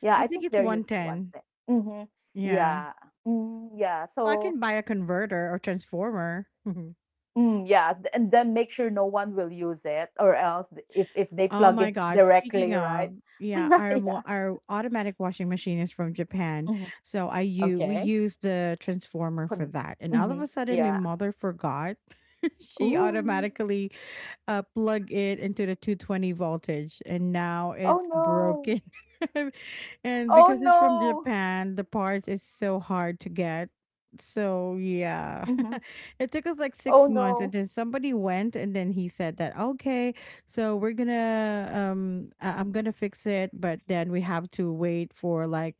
Speaker 2: Yeah,
Speaker 1: I
Speaker 2: I
Speaker 1: think
Speaker 2: think
Speaker 1: it's
Speaker 2: they're using
Speaker 1: 110.
Speaker 2: 110. Mhm.
Speaker 1: Yeah.
Speaker 2: Yeah. Mm, yeah.
Speaker 1: I
Speaker 2: So
Speaker 1: can buy a converter or transformer.
Speaker 2: Mm, yeah, and then make sure no one will use it, or else if they
Speaker 1: Oh
Speaker 2: plug
Speaker 1: my
Speaker 2: it
Speaker 1: god, speaking
Speaker 2: directly, right?
Speaker 1: of, yeah, our
Speaker 2: Yeah.
Speaker 1: our automatic washing machine is from Japan.
Speaker 2: Mhm.
Speaker 1: So I we
Speaker 2: Okay.
Speaker 1: use the transformer for
Speaker 2: Con
Speaker 1: that. And all of a
Speaker 2: Mhm.
Speaker 1: sudden my
Speaker 2: Yeah.
Speaker 1: mother forgot. She
Speaker 2: Ooh.
Speaker 1: automatically plug it into the 220 voltage, and now
Speaker 2: Oh,
Speaker 1: it's
Speaker 2: no.
Speaker 1: broken. And
Speaker 2: Oh,
Speaker 1: because it's from
Speaker 2: no.
Speaker 1: Japan, the parts is so hard to get. So yeah,
Speaker 2: Mhm.
Speaker 1: it took us like
Speaker 2: Oh,
Speaker 1: 6 months, and
Speaker 2: no.
Speaker 1: then somebody went, and then he said that okay, so we're gonna I'm gonna fix it, but then we have to wait for like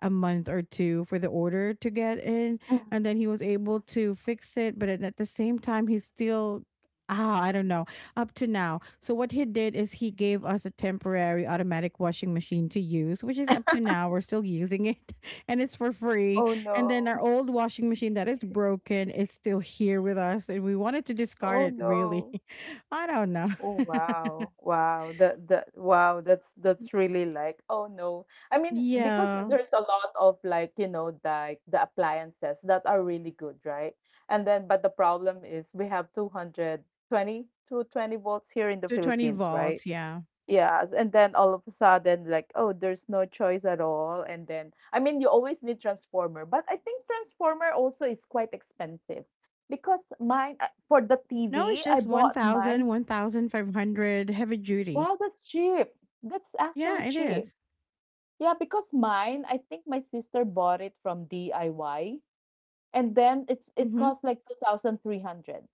Speaker 1: a month or two for the order to get in.
Speaker 2: Mm.
Speaker 1: And then he was able to fix it, but at the same time he's still, ah, I don't know, up to now. So what he did is he gave us a temporary automatic washing machine to use, which is up to now we're still using it, and it's for free.
Speaker 2: Oh,
Speaker 1: And then our
Speaker 2: no.
Speaker 1: old washing machine that is broken is still here with us, and we wanted to discard
Speaker 2: Oh,
Speaker 1: it really.
Speaker 2: no.
Speaker 1: I don't know.
Speaker 2: Oh, wow. Wow. That that wow, that's really like, oh, no. I mean, because
Speaker 1: Yeah,
Speaker 2: there's a lot of like, you know, like the appliances that are really good, right? And then but the problem is we have two hundred twenty volts here in the
Speaker 1: to 20
Speaker 2: Philippines, right?
Speaker 1: volts, yeah.
Speaker 2: Yes, and then all of a sudden, like, oh, there's no choice at all. And then, I mean, you always need transformer, but I think transformer also is quite expensive because mine for the
Speaker 1: No, it's
Speaker 2: TV, I
Speaker 1: just one
Speaker 2: bought
Speaker 1: thousand,
Speaker 2: mine.
Speaker 1: 1,500 heavy duty.
Speaker 2: Wow, that's cheap. That's actually
Speaker 1: Yeah, it
Speaker 2: cheap.
Speaker 1: is.
Speaker 2: Yeah, because mine, I think my sister bought it from DIY, and then it
Speaker 1: Mhm.
Speaker 2: cost like 2,300.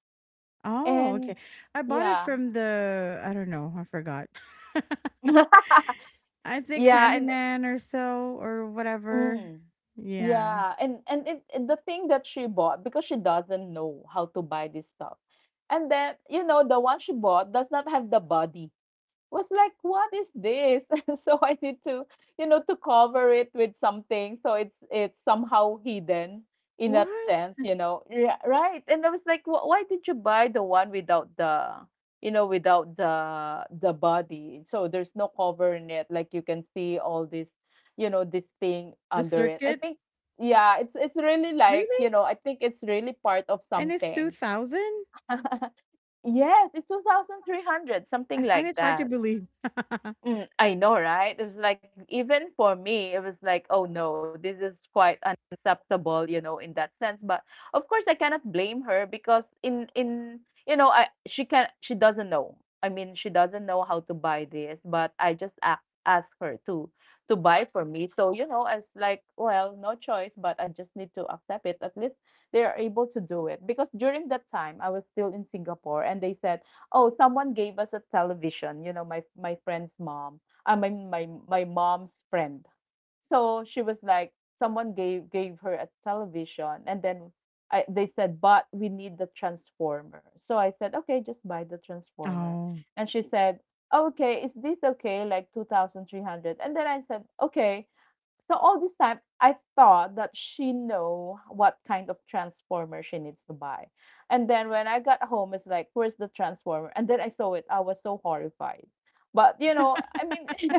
Speaker 1: Oh, okay.
Speaker 2: And
Speaker 1: I bought it
Speaker 2: yeah,
Speaker 1: from the, I don't know, I forgot. I think
Speaker 2: yeah, and
Speaker 1: Handyman or so or whatever.
Speaker 2: mm.
Speaker 1: Yeah.
Speaker 2: Yeah, and the thing that she bought because she doesn't know how to buy this stuff. And then, the one she bought does not have the body. Was like, what is this? So I need to, to cover it with something. So it's somehow hidden in that
Speaker 1: What?
Speaker 2: sense, you know. Yeah, right. And I was like, "Why did you buy the one without the, without the body? So there's no cover in it. Like you can see all this, this thing
Speaker 1: The
Speaker 2: under it. I
Speaker 1: circuit?
Speaker 2: think yeah, it's really like, you
Speaker 1: Really?
Speaker 2: know, I think it's really part of
Speaker 1: And it's
Speaker 2: something."
Speaker 1: 2000?
Speaker 2: Yes, it's 2,300, something
Speaker 1: I find
Speaker 2: like
Speaker 1: it hard to
Speaker 2: that.
Speaker 1: believe.
Speaker 2: Mm, I know, right? It was like even for me, it was like, oh no, this is quite unacceptable, you know, in that sense. But of course, I cannot blame her because in you know, I she can she doesn't know. I mean, she doesn't know how to buy this, but I just ask her to buy for me. So you know, I was like, well, no choice, but I just need to accept it. At least they are able to do it because during that time, I was still in Singapore, and they said, "Oh, someone gave us a television, you know, my friend's mom, my mom's friend." So she was like, someone gave her a television, and then they said, but we need the transformer. So I said, okay, just buy the transformer.
Speaker 1: Oh,
Speaker 2: And she said, "Oh, okay, is this okay? Like 2,300." And then I said, okay. So all this time, I thought that she know what kind of transformer she needs to buy. And then when I got home, it's like, where's the transformer? And then I saw it. I was so horrified. But you know, I mean,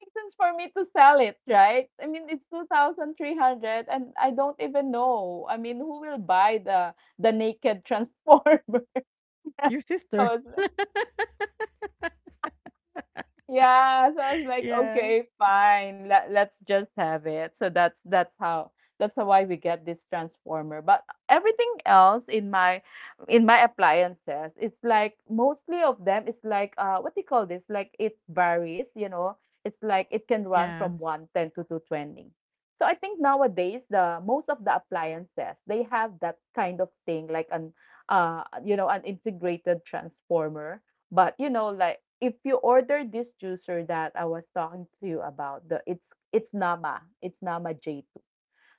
Speaker 2: makes sense for me to sell it, right? I mean, it's 2,300 and I don't even know. I mean, who will buy the naked transformer?
Speaker 1: your sister.
Speaker 2: Yeah, so I was like,
Speaker 1: Yeah.
Speaker 2: okay, fine, let's just have it. So that's how, that's how why we get this transformer. But everything else in my appliances, it's like mostly of them is like what do you call this? Like it varies, you know. It's like it can run
Speaker 1: Yeah.
Speaker 2: from 110 to 220. So I think nowadays the most of the appliances, they have that kind of thing like an you know, an integrated transformer, but you know, like if you order this juicer that I was talking to you about, the it's Nama, it's Nama J2.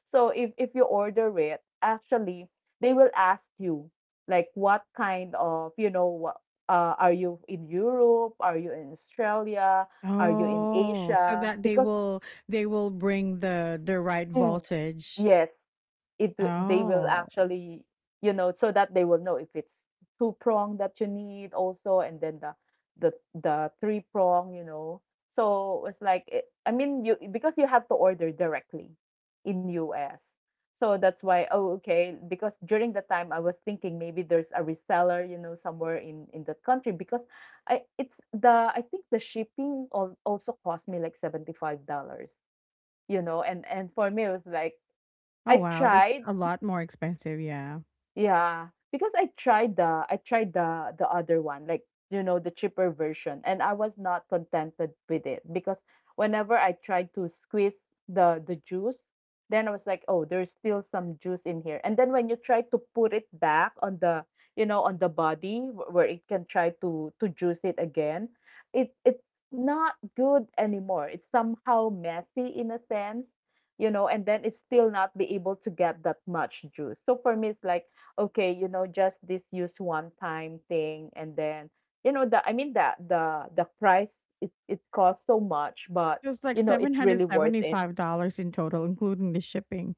Speaker 2: So if you order it, actually they will ask you like what kind of you know what are you in Europe? Are you in Australia? Are you in
Speaker 1: Oh, so
Speaker 2: Asia?
Speaker 1: that they
Speaker 2: Because
Speaker 1: will, they will bring the right
Speaker 2: mm.
Speaker 1: voltage.
Speaker 2: Yes, they will
Speaker 1: Oh.
Speaker 2: actually you know so that they will know if it's two prong that you need also and then the the three prong, you know. So it's like I mean you because you have to order directly in US. So that's why. Oh okay, because during the time I was thinking maybe there's a reseller you know somewhere in that country, because I think the shipping also cost me like $75. You know, and for me it was like
Speaker 1: Oh
Speaker 2: I
Speaker 1: wow, that's
Speaker 2: tried,
Speaker 1: a lot more expensive, yeah.
Speaker 2: yeah, because I tried the I tried the other one, like you know, the cheaper version, and I was not contented with it because whenever I tried to squeeze the juice, then I was like, oh, there's still some juice in here. And then when you try to put it back on the, you know, on the body where it can try to juice it again, it's not good anymore. It's somehow messy in a sense, you know, and then it's still not be able to get that much juice. So for me, it's like okay, you know, just this use one time thing and then you know the I mean that the price, it costs so much, but
Speaker 1: It was like
Speaker 2: you know, it's really worth it.
Speaker 1: $775 in total including the shipping.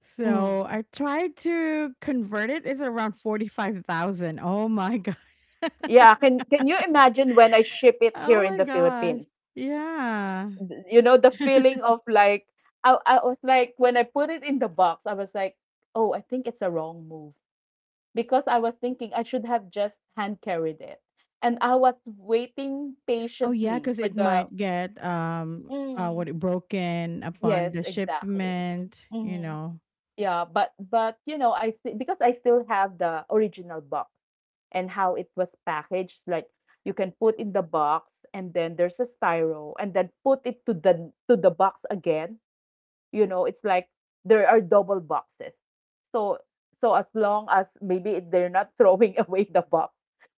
Speaker 1: So
Speaker 2: Mm.
Speaker 1: I tried to convert it. It's around 45,000. Oh my god.
Speaker 2: Yeah, can you imagine when I ship it here
Speaker 1: Oh
Speaker 2: in
Speaker 1: my
Speaker 2: the
Speaker 1: gosh.
Speaker 2: Philippines?
Speaker 1: Yeah.
Speaker 2: You know, the feeling of like I was like when I put it in the box, I was like, "Oh, I think it's a wrong move." Because I was thinking I should have just hand carried it. And I was waiting
Speaker 1: Oh yeah,
Speaker 2: patiently
Speaker 1: because
Speaker 2: for
Speaker 1: it
Speaker 2: the
Speaker 1: might get
Speaker 2: mm.
Speaker 1: broken upon
Speaker 2: Yes,
Speaker 1: the
Speaker 2: exactly.
Speaker 1: shipment, you
Speaker 2: Hmm.
Speaker 1: know.
Speaker 2: Yeah, but you know, because I still have the original box and how it was packaged. Like you can put in the box, and then there's a styro, and then put it to the box again. You know, it's like there are double boxes. So so as long as maybe they're not throwing away the box,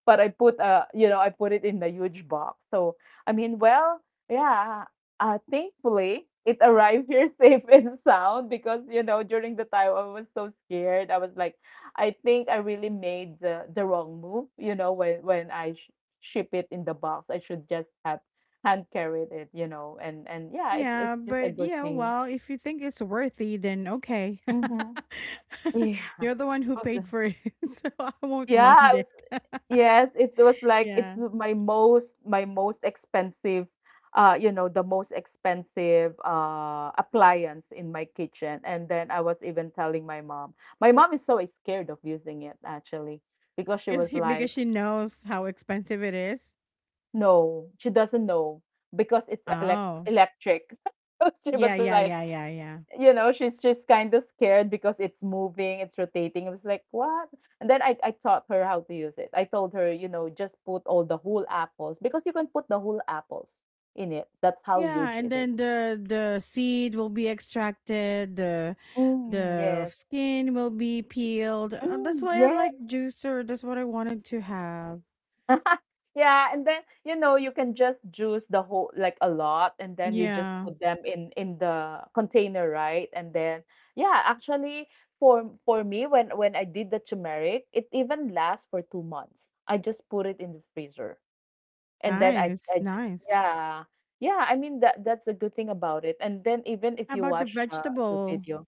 Speaker 2: but I put you know, I put it in a huge box. So I mean, well, yeah, thankfully it arrived here safe and sound because you know during the time I was so scared I was like I think I really made the wrong move, you know, when ship it in the box I should just have hand carried it, you know. And yeah,
Speaker 1: Yeah,
Speaker 2: it's just a
Speaker 1: but
Speaker 2: good
Speaker 1: yeah,
Speaker 2: thing.
Speaker 1: well, if you think it's worthy, then okay.
Speaker 2: Mhm. Yeah. I
Speaker 1: You're the one who
Speaker 2: was like,
Speaker 1: paid for it, so I won't
Speaker 2: yeah,
Speaker 1: mind
Speaker 2: I
Speaker 1: it.
Speaker 2: was, yes, it was like it's
Speaker 1: Yeah.
Speaker 2: my most expensive you know, the most expensive appliance in my kitchen. And then I was even telling my mom. My mom is so scared of using it actually because she
Speaker 1: Because
Speaker 2: was
Speaker 1: he, because
Speaker 2: like,
Speaker 1: she knows how expensive it is.
Speaker 2: no, she doesn't know because it's
Speaker 1: Oh.
Speaker 2: electric. She
Speaker 1: Yeah,
Speaker 2: was
Speaker 1: yeah,
Speaker 2: like,
Speaker 1: yeah, yeah, yeah.
Speaker 2: you know, she's just kind of scared because it's moving, it's rotating. I was like, what? And then I taught her how to use it. I told her, you know, just put all the whole apples because you can put the whole apples in it. That's how
Speaker 1: Yeah,
Speaker 2: huge
Speaker 1: and
Speaker 2: it is.
Speaker 1: then the seed will be extracted, the
Speaker 2: Mm, yes.
Speaker 1: skin will be peeled. That's
Speaker 2: Mm,
Speaker 1: why I
Speaker 2: yes.
Speaker 1: like juicer. That's what I wanted to have.
Speaker 2: Yeah, and then you know you can just juice the whole like a lot, and then you just
Speaker 1: Yeah.
Speaker 2: put them in the container, right? And then yeah, actually for me when I did the turmeric, it even lasts for 2 months. I just put it in the freezer, and then
Speaker 1: Nice, nice.
Speaker 2: yeah. Yeah. I mean that's a good thing about it. And then even if
Speaker 1: How
Speaker 2: you
Speaker 1: about the
Speaker 2: watch the
Speaker 1: vegetable?
Speaker 2: video,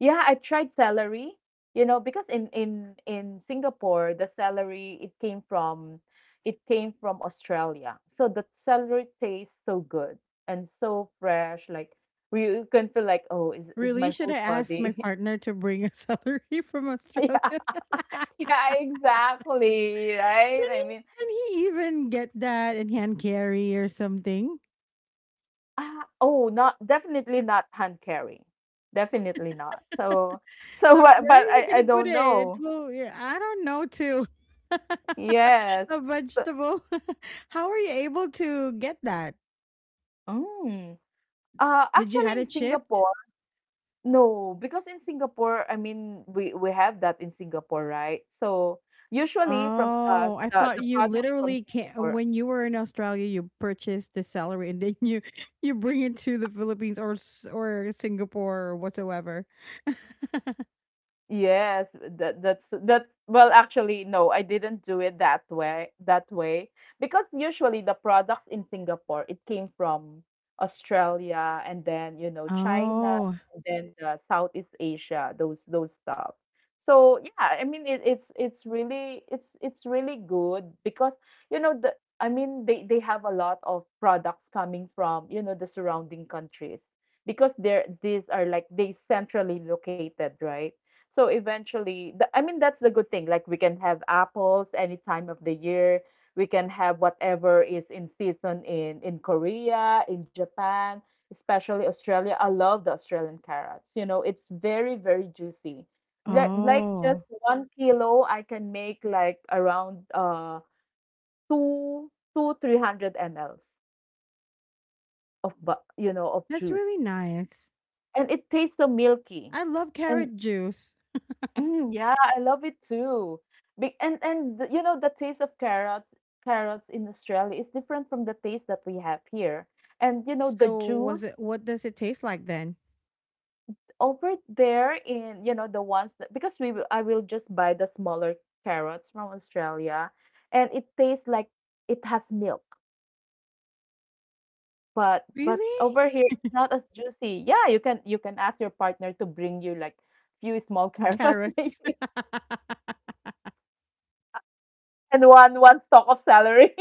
Speaker 2: yeah, I tried celery, you know, because in Singapore, the celery it came from Australia. So the celery tastes so good and so fresh, like you can feel like, oh, is
Speaker 1: Really?
Speaker 2: my
Speaker 1: Should
Speaker 2: whole
Speaker 1: I ask my
Speaker 2: body.
Speaker 1: partner to bring a celery from
Speaker 2: Yeah,
Speaker 1: Australia?
Speaker 2: yeah, exactly,
Speaker 1: can
Speaker 2: right? I
Speaker 1: he
Speaker 2: mean,
Speaker 1: can he even get that and hand carry or something?
Speaker 2: ah, oh, not definitely not hand carrying. Definitely not. So so
Speaker 1: So where
Speaker 2: but
Speaker 1: is he
Speaker 2: I
Speaker 1: gonna put
Speaker 2: don't
Speaker 1: it? It
Speaker 2: know.
Speaker 1: will, yeah, I don't know too.
Speaker 2: Yes.
Speaker 1: A
Speaker 2: So,
Speaker 1: vegetable. How were you able to get that?
Speaker 2: mm.
Speaker 1: Did you
Speaker 2: Actually
Speaker 1: had
Speaker 2: in
Speaker 1: it shipped?
Speaker 2: Singapore, no, because in Singapore, I mean, we have that in Singapore, right? So usually from
Speaker 1: Oh, I thought
Speaker 2: the
Speaker 1: you
Speaker 2: products from
Speaker 1: literally can
Speaker 2: Singapore.
Speaker 1: when you were in Australia, you purchased the celery and then you you bring it to the Philippines or S- or Singapore or whatsoever.
Speaker 2: Yes, that's well actually no, I didn't do it that way because usually the products in Singapore it came from Australia and then you know China
Speaker 1: Oh,
Speaker 2: and then the Southeast Asia those stuff. So yeah, I mean it's really good because you know the I mean they have a lot of products coming from you know the surrounding countries because they're these are like they centrally located, right? So eventually, I mean, that's the good thing. Like we can have apples any time of the year. We can have whatever is in season in Korea, in Japan, especially Australia. I love the Australian carrots. You know, it's very, very juicy. Like
Speaker 1: oh,
Speaker 2: just 1 kilo, I can make like around two two three hundred mls of you know of
Speaker 1: that's
Speaker 2: juice,
Speaker 1: really nice.
Speaker 2: and it tastes so milky.
Speaker 1: I love carrot juice.
Speaker 2: Mm, yeah, I love it too. Be and you know the taste of carrots in Australia is different from the taste that we have here. And you know the
Speaker 1: So was
Speaker 2: juice
Speaker 1: it? What does it taste like then?
Speaker 2: over there in you know the ones that because I will just buy the smaller carrots from Australia, and it tastes like it has milk. But
Speaker 1: Really?
Speaker 2: over here it's not as juicy. Yeah, you can ask your partner to bring you like few small carrots
Speaker 1: Carrots.
Speaker 2: maybe and one stalk of celery.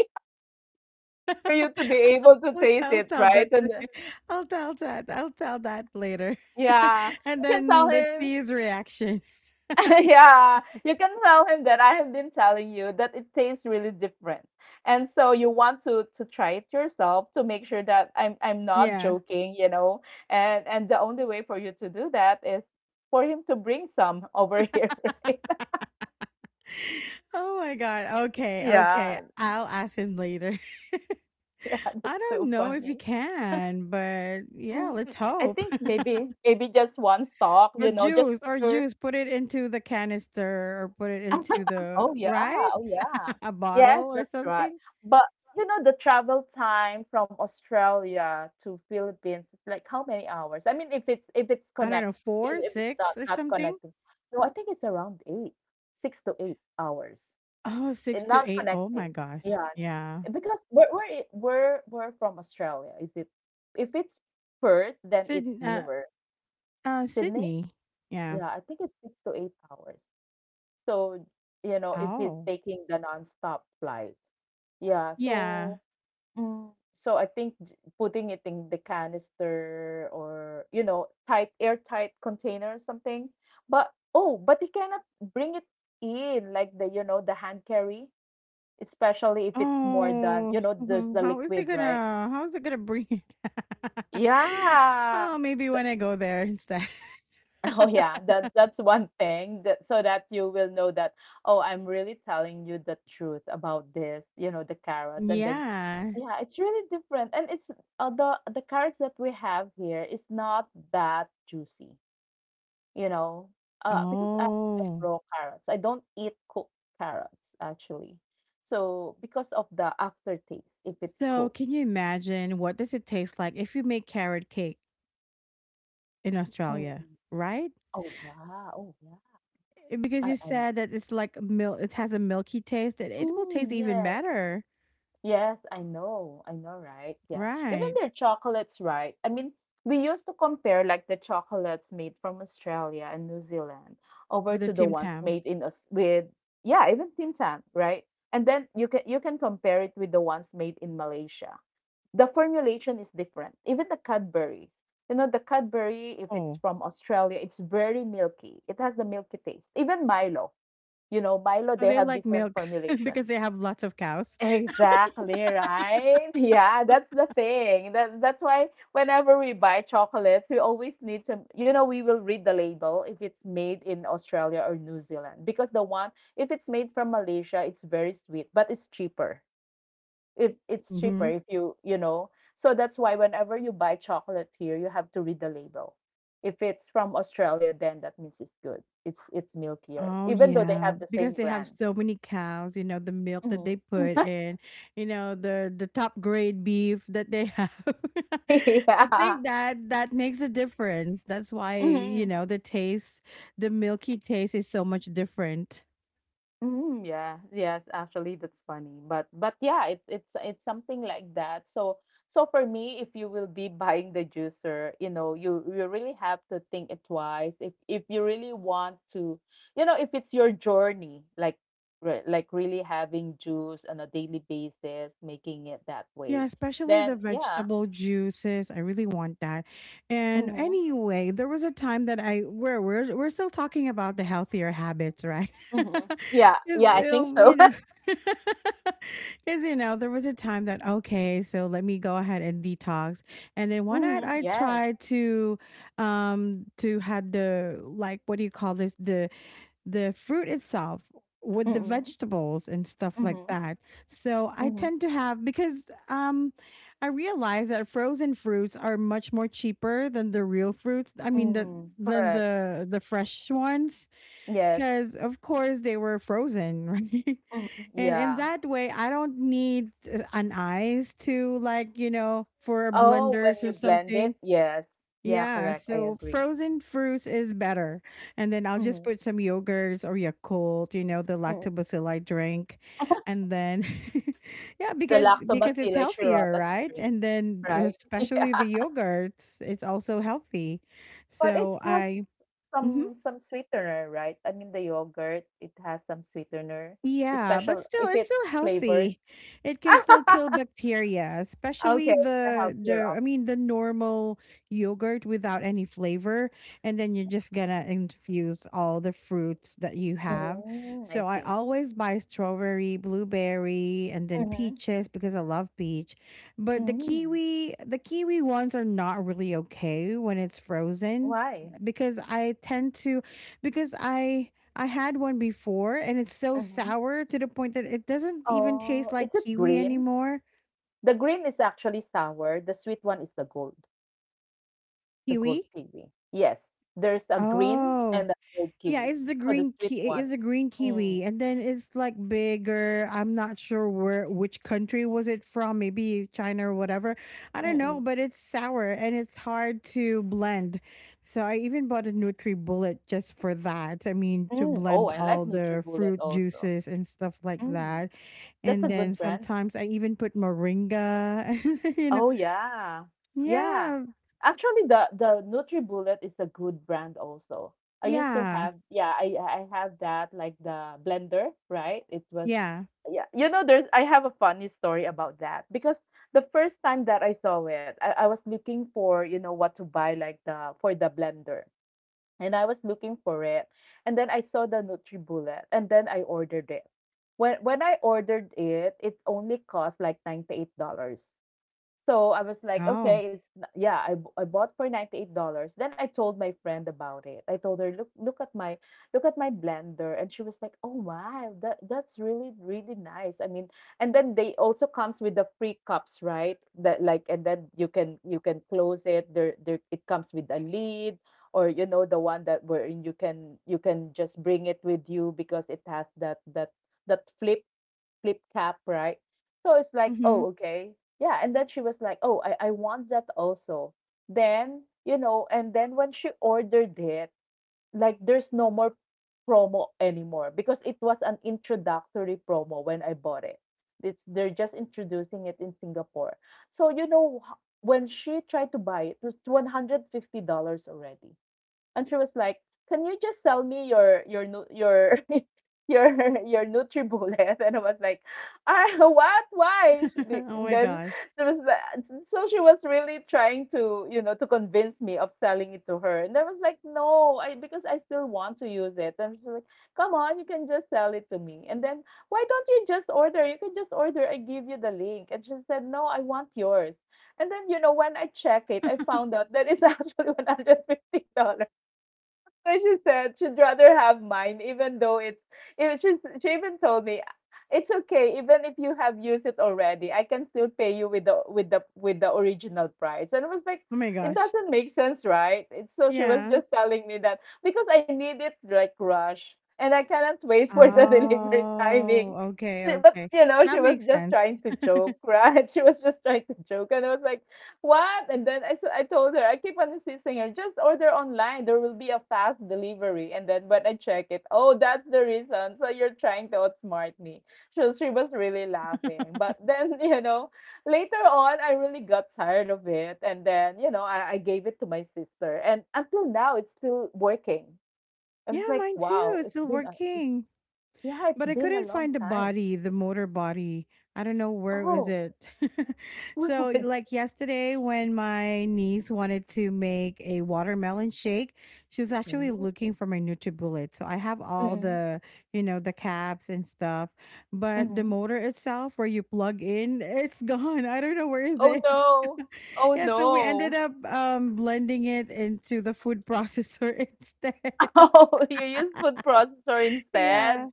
Speaker 2: For you to be able to taste
Speaker 1: I'll
Speaker 2: it,
Speaker 1: tell
Speaker 2: right?
Speaker 1: that.
Speaker 2: And
Speaker 1: to-
Speaker 2: then-
Speaker 1: I'll tell that. I'll tell that later.
Speaker 2: yeah, you
Speaker 1: And
Speaker 2: can tell
Speaker 1: then let's
Speaker 2: him.
Speaker 1: see his reaction.
Speaker 2: Yeah, you can tell him that I have been telling you that it tastes really different. And so you want to try it yourself to make sure that I'm not
Speaker 1: Yeah.
Speaker 2: joking, you know. And the only way for you to do that is for him to bring some over here. Right?
Speaker 1: Oh my god. Okay. Okay.
Speaker 2: Yeah,
Speaker 1: I'll ask him later.
Speaker 2: yeah, that's
Speaker 1: I don't
Speaker 2: so
Speaker 1: know if he
Speaker 2: funny.
Speaker 1: can, but yeah,
Speaker 2: Mm,
Speaker 1: let's
Speaker 2: I
Speaker 1: hope.
Speaker 2: think maybe just one stalk,
Speaker 1: Or
Speaker 2: you know, just
Speaker 1: juice, or
Speaker 2: sure.
Speaker 1: juice. Put it into the canister, or put it into the
Speaker 2: Oh yeah,
Speaker 1: right
Speaker 2: oh yeah.
Speaker 1: a
Speaker 2: Yes,
Speaker 1: bottle or
Speaker 2: that's right.
Speaker 1: something.
Speaker 2: But you know the travel time from Australia to Philippines is like how many hours? I mean if it's
Speaker 1: I don't
Speaker 2: connect.
Speaker 1: know,
Speaker 2: if
Speaker 1: four,
Speaker 2: if it's not
Speaker 1: six, or
Speaker 2: not
Speaker 1: something.
Speaker 2: connecting. No, I think it's around eight, 6 to 8 hours.
Speaker 1: Oh, six
Speaker 2: And not
Speaker 1: to eight. Oh my
Speaker 2: connecting.
Speaker 1: gosh.
Speaker 2: Yeah.
Speaker 1: Yeah.
Speaker 2: Because we're I- we're from Australia. Is it if it's Perth, then
Speaker 1: So,
Speaker 2: it's
Speaker 1: uh,
Speaker 2: nearer. Sydney?
Speaker 1: Sydney. Yeah.
Speaker 2: Yeah, I think it's 6 to 8 hours. So, you know, if he's
Speaker 1: Oh.
Speaker 2: taking the nonstop flight. Yeah,
Speaker 1: Yeah.
Speaker 2: so mm, so I think j- putting it in the canister or, you know, tight airtight container or something. But oh, but he cannot bring it in like the, you know, the hand carry, especially if it's more than,
Speaker 1: Oh,
Speaker 2: you know, there's the liquid, right?
Speaker 1: how is it gonna bring it?
Speaker 2: Yeah.
Speaker 1: Oh, maybe when I go there instead.
Speaker 2: Oh yeah, that that's one thing that so that you will know that oh, I'm really telling you the truth about this, you know, the carrots. And then
Speaker 1: Yeah.
Speaker 2: yeah, it's really different. And it's the carrots that we have here is not that juicy, you know. Because I like
Speaker 1: Oh.
Speaker 2: raw carrots. I don't eat cooked carrots actually. So because of the aftertaste if it's
Speaker 1: So
Speaker 2: cooked.
Speaker 1: can you imagine what does it taste like if you make carrot cake in
Speaker 2: Mm.
Speaker 1: Australia, right?
Speaker 2: Oh yeah, oh yeah.
Speaker 1: Because
Speaker 2: I
Speaker 1: you
Speaker 2: I
Speaker 1: said that it's like milk, it has a milky taste that it will taste even
Speaker 2: yes.
Speaker 1: better.
Speaker 2: Yes, I know. I know, right? Yeah. Even
Speaker 1: Right.
Speaker 2: their chocolates, right? I mean, we used to compare like the chocolates made from Australia and New Zealand over
Speaker 1: Or the
Speaker 2: to the
Speaker 1: Tim
Speaker 2: ones
Speaker 1: Tams.
Speaker 2: made in us with yeah, even Tim Tam, right? And then you can compare it with the ones made in Malaysia. The formulation is different. Even the Cadbury's. You know, the Cadbury, if it's
Speaker 1: Oh.
Speaker 2: from Australia, it's very milky. It has the milky taste. Even Milo, you know, Milo,
Speaker 1: So
Speaker 2: they
Speaker 1: they
Speaker 2: have
Speaker 1: like
Speaker 2: different
Speaker 1: milk
Speaker 2: formulation.
Speaker 1: because they have lots of cows.
Speaker 2: Exactly, right? Yeah, that's the thing. That's why whenever we buy chocolates, we always need to, you know, we will read the label if it's made in Australia or New Zealand because the one if it's made from Malaysia, it's very sweet, but it's cheaper. If it's cheaper
Speaker 1: Hmm.
Speaker 2: if you, you know. So that's why whenever you buy chocolate here, you have to read the label. If it's from Australia, then that means it's good. It's milkier,
Speaker 1: Oh
Speaker 2: even though they
Speaker 1: yeah,
Speaker 2: have the
Speaker 1: because
Speaker 2: same
Speaker 1: they have
Speaker 2: brand.
Speaker 1: so many cows. You know the milk that
Speaker 2: Mhm.
Speaker 1: they put in. You know the top grade beef that they have. I
Speaker 2: Yeah.
Speaker 1: think that that makes a difference. That's why you
Speaker 2: Mhm.
Speaker 1: know the taste, the milky taste is so much different.
Speaker 2: Mm, yeah. Yes, actually that's funny. But yeah, it's something like that. So so for me, if you will be buying the juicer, you know, you really have to think it twice. If you really want to, you know, if it's your journey, like re- like really having juice on a daily basis, making it that
Speaker 1: Yeah,
Speaker 2: way,
Speaker 1: especially the
Speaker 2: then yeah.
Speaker 1: vegetable juices. I really want that. And
Speaker 2: Mm-hmm.
Speaker 1: anyway, there was a time that I where we're still talking about the healthier habits, right?
Speaker 2: Mm-hmm. Yeah,
Speaker 1: Because
Speaker 2: yeah, I think so.
Speaker 1: you know, because you know, there was a time that okay, so let me go ahead and detox. And then one night
Speaker 2: Mm-hmm.
Speaker 1: I
Speaker 2: Yes.
Speaker 1: tried to have the, like, what do you call this, the fruit itself with the
Speaker 2: Mm-hmm.
Speaker 1: vegetables and stuff like
Speaker 2: Mm-hmm.
Speaker 1: that. So I
Speaker 2: Mm-hmm.
Speaker 1: tend to have because I realize that frozen fruits are much more cheaper than the real fruits. I mean the
Speaker 2: Mm-hmm.
Speaker 1: than
Speaker 2: Correct.
Speaker 1: the fresh ones
Speaker 2: Yes.
Speaker 1: because of course they were frozen right,
Speaker 2: Mhm,
Speaker 1: and in
Speaker 2: yeah.
Speaker 1: that way I don't need an ice to, like, you know, for
Speaker 2: Oh,
Speaker 1: blenders
Speaker 2: when
Speaker 1: or
Speaker 2: you blend
Speaker 1: something.
Speaker 2: it, yes. Yeah,
Speaker 1: Yeah,
Speaker 2: correct. I
Speaker 1: so
Speaker 2: agree.
Speaker 1: frozen fruits is better. And then I'll just
Speaker 2: Mhm,
Speaker 1: put some yogurts or Yakult, you know, the
Speaker 2: mm.
Speaker 1: lactobacilli drink. And then yeah,
Speaker 2: The
Speaker 1: because it's
Speaker 2: Lactobacillus
Speaker 1: healthier,
Speaker 2: shirota
Speaker 1: right?
Speaker 2: string,
Speaker 1: And then
Speaker 2: right?
Speaker 1: especially
Speaker 2: Yeah.
Speaker 1: the yogurts, it's also healthy.
Speaker 2: But it
Speaker 1: So
Speaker 2: has
Speaker 1: I, mhm.
Speaker 2: some sweetener, right? I mean, the yogurt, it has some sweetener,
Speaker 1: Yeah, but
Speaker 2: especially
Speaker 1: still,
Speaker 2: if
Speaker 1: it's
Speaker 2: it's
Speaker 1: still
Speaker 2: flavored.
Speaker 1: healthy. It can still kill bacteria, especially
Speaker 2: Okay, the
Speaker 1: the
Speaker 2: healthier
Speaker 1: the I
Speaker 2: option.
Speaker 1: mean, the normal yogurt without any flavor, and then you're just gonna infuse all the fruits that you have.
Speaker 2: Mm, I
Speaker 1: So I
Speaker 2: see.
Speaker 1: always buy strawberry, blueberry, and then
Speaker 2: Mm-hmm.
Speaker 1: peaches because I love peach. But
Speaker 2: Mm.
Speaker 1: the kiwi ones are not really okay when it's frozen
Speaker 2: Why?
Speaker 1: because I tend to because I had one before and it's so
Speaker 2: Mm-hmm.
Speaker 1: sour to the point that it doesn't even taste
Speaker 2: Oh,
Speaker 1: like
Speaker 2: is it
Speaker 1: kiwi
Speaker 2: green?
Speaker 1: anymore.
Speaker 2: The green is actually sour. The sweet one is the gold. The
Speaker 1: Kiwi?
Speaker 2: gold kiwi. Yes, there's a green
Speaker 1: Oh,
Speaker 2: and a gold
Speaker 1: yeah,
Speaker 2: kiwi.
Speaker 1: it's the
Speaker 2: So the sweet one.
Speaker 1: it's the green
Speaker 2: Mm.
Speaker 1: kiwi, and then it's like bigger. I'm not sure where which country was it from. Maybe China or whatever. I don't know,
Speaker 2: Mm-mm.
Speaker 1: but it's sour and it's hard to blend. So I even bought a Nutri Bullet just for that. I mean,
Speaker 2: Mm.
Speaker 1: to
Speaker 2: Mm. Oh,
Speaker 1: blend
Speaker 2: I like
Speaker 1: all the
Speaker 2: NutriBullet
Speaker 1: fruit
Speaker 2: also.
Speaker 1: juices and stuff like
Speaker 2: Mm.
Speaker 1: that.
Speaker 2: That's
Speaker 1: And
Speaker 2: a
Speaker 1: then
Speaker 2: good brand.
Speaker 1: sometimes I even put moringa. You know,
Speaker 2: Oh, yeah. Yeah.
Speaker 1: yeah,
Speaker 2: Actually, the NutriBullet is a good brand also. I used to
Speaker 1: yeah,
Speaker 2: have, yeah, I have that like the blender, right? It was,
Speaker 1: yeah.
Speaker 2: yeah, you know, there's I have a funny story about that because the first time that I saw it, I was looking for, you know, what to buy like the for the blender. And I was looking for it. And then I saw the NutriBullet and then I ordered it. When I ordered it, it only cost like $98. So I was like,
Speaker 1: Oh,
Speaker 2: okay, it's n- yeah, b- I bought for $98. Then I told my friend about it. I told her, look, look at my blender. And she was like, oh wow, that's really, really nice. I mean, and then they also comes with the free cups, right? That like and then you can close it. There it comes with a lid or you know the one that where you can just bring it with you because it has that flip cap, right? So it's like,
Speaker 1: hmm.
Speaker 2: oh, okay. Yeah. And then she was like, oh, I want that also. Then, you know, and then when she ordered it, like there's no more promo anymore because it was an introductory promo when I bought it. It's they're just introducing it in Singapore. So you know h- when she tried to buy it, it was $150 already. And she was like, "Can you just sell me your nu- your your your NutriBullet?" And I was like, "Ah, what? Why?" She, be-
Speaker 1: Oh my
Speaker 2: then
Speaker 1: gosh,
Speaker 2: she was like, so she was really trying to you know to convince me of selling it to her, and I was like, "No, I because I still want to use it." And she's like, "Come on, you can just sell it to me." And then why don't you just order? You can just order. I give you the link. And she said, "No, I want yours." And then you know when I check it, I found out that it's actually $150, but she said she'd rather have mine, even though it's. Even she even told me, it's okay, even if you have used it already, I can still pay you with the original price. And I was like,
Speaker 1: oh my
Speaker 2: it
Speaker 1: gosh.
Speaker 2: doesn't make sense, right? It's, so she was
Speaker 1: Yeah.
Speaker 2: just telling me that because I need it like rush, and I cannot wait for the delivery
Speaker 1: Oh,
Speaker 2: timing.
Speaker 1: okay,
Speaker 2: She, but
Speaker 1: okay.
Speaker 2: you know, she
Speaker 1: That
Speaker 2: was
Speaker 1: makes
Speaker 2: just
Speaker 1: sense.
Speaker 2: trying to joke, right? She was just trying to joke, and I was like, what? And then I told her, I keep on insisting her, just order online. There will be a fast delivery. And then when I check it, oh, that's the reason. So you're trying to outsmart me. So she was really laughing. But then, you know, later on, I really got tired of it. And then, you know, I gave it to my sister. And until now, it's still working. I was
Speaker 1: Yeah,
Speaker 2: like,
Speaker 1: mine too.
Speaker 2: wow,
Speaker 1: It's still working.
Speaker 2: yeah, it's
Speaker 1: But I
Speaker 2: been a
Speaker 1: couldn't
Speaker 2: long
Speaker 1: find the
Speaker 2: time.
Speaker 1: body, the motor body. I don't know where was
Speaker 2: Oh,
Speaker 1: it.
Speaker 2: we
Speaker 1: So
Speaker 2: would.
Speaker 1: like yesterday when my niece wanted to make a watermelon shake, she was actually
Speaker 2: Mm-hmm.
Speaker 1: looking for my NutriBullet. So I have all the, you know, the caps and stuff, but the
Speaker 2: Mm-hmm.
Speaker 1: motor itself where you plug in, it's gone. I don't know where is
Speaker 2: Oh,
Speaker 1: it.
Speaker 2: no. Oh,
Speaker 1: Yeah, so we ended
Speaker 2: no.
Speaker 1: up blending it into the food processor instead.
Speaker 2: Oh, you use food processor instead?
Speaker 1: Yeah,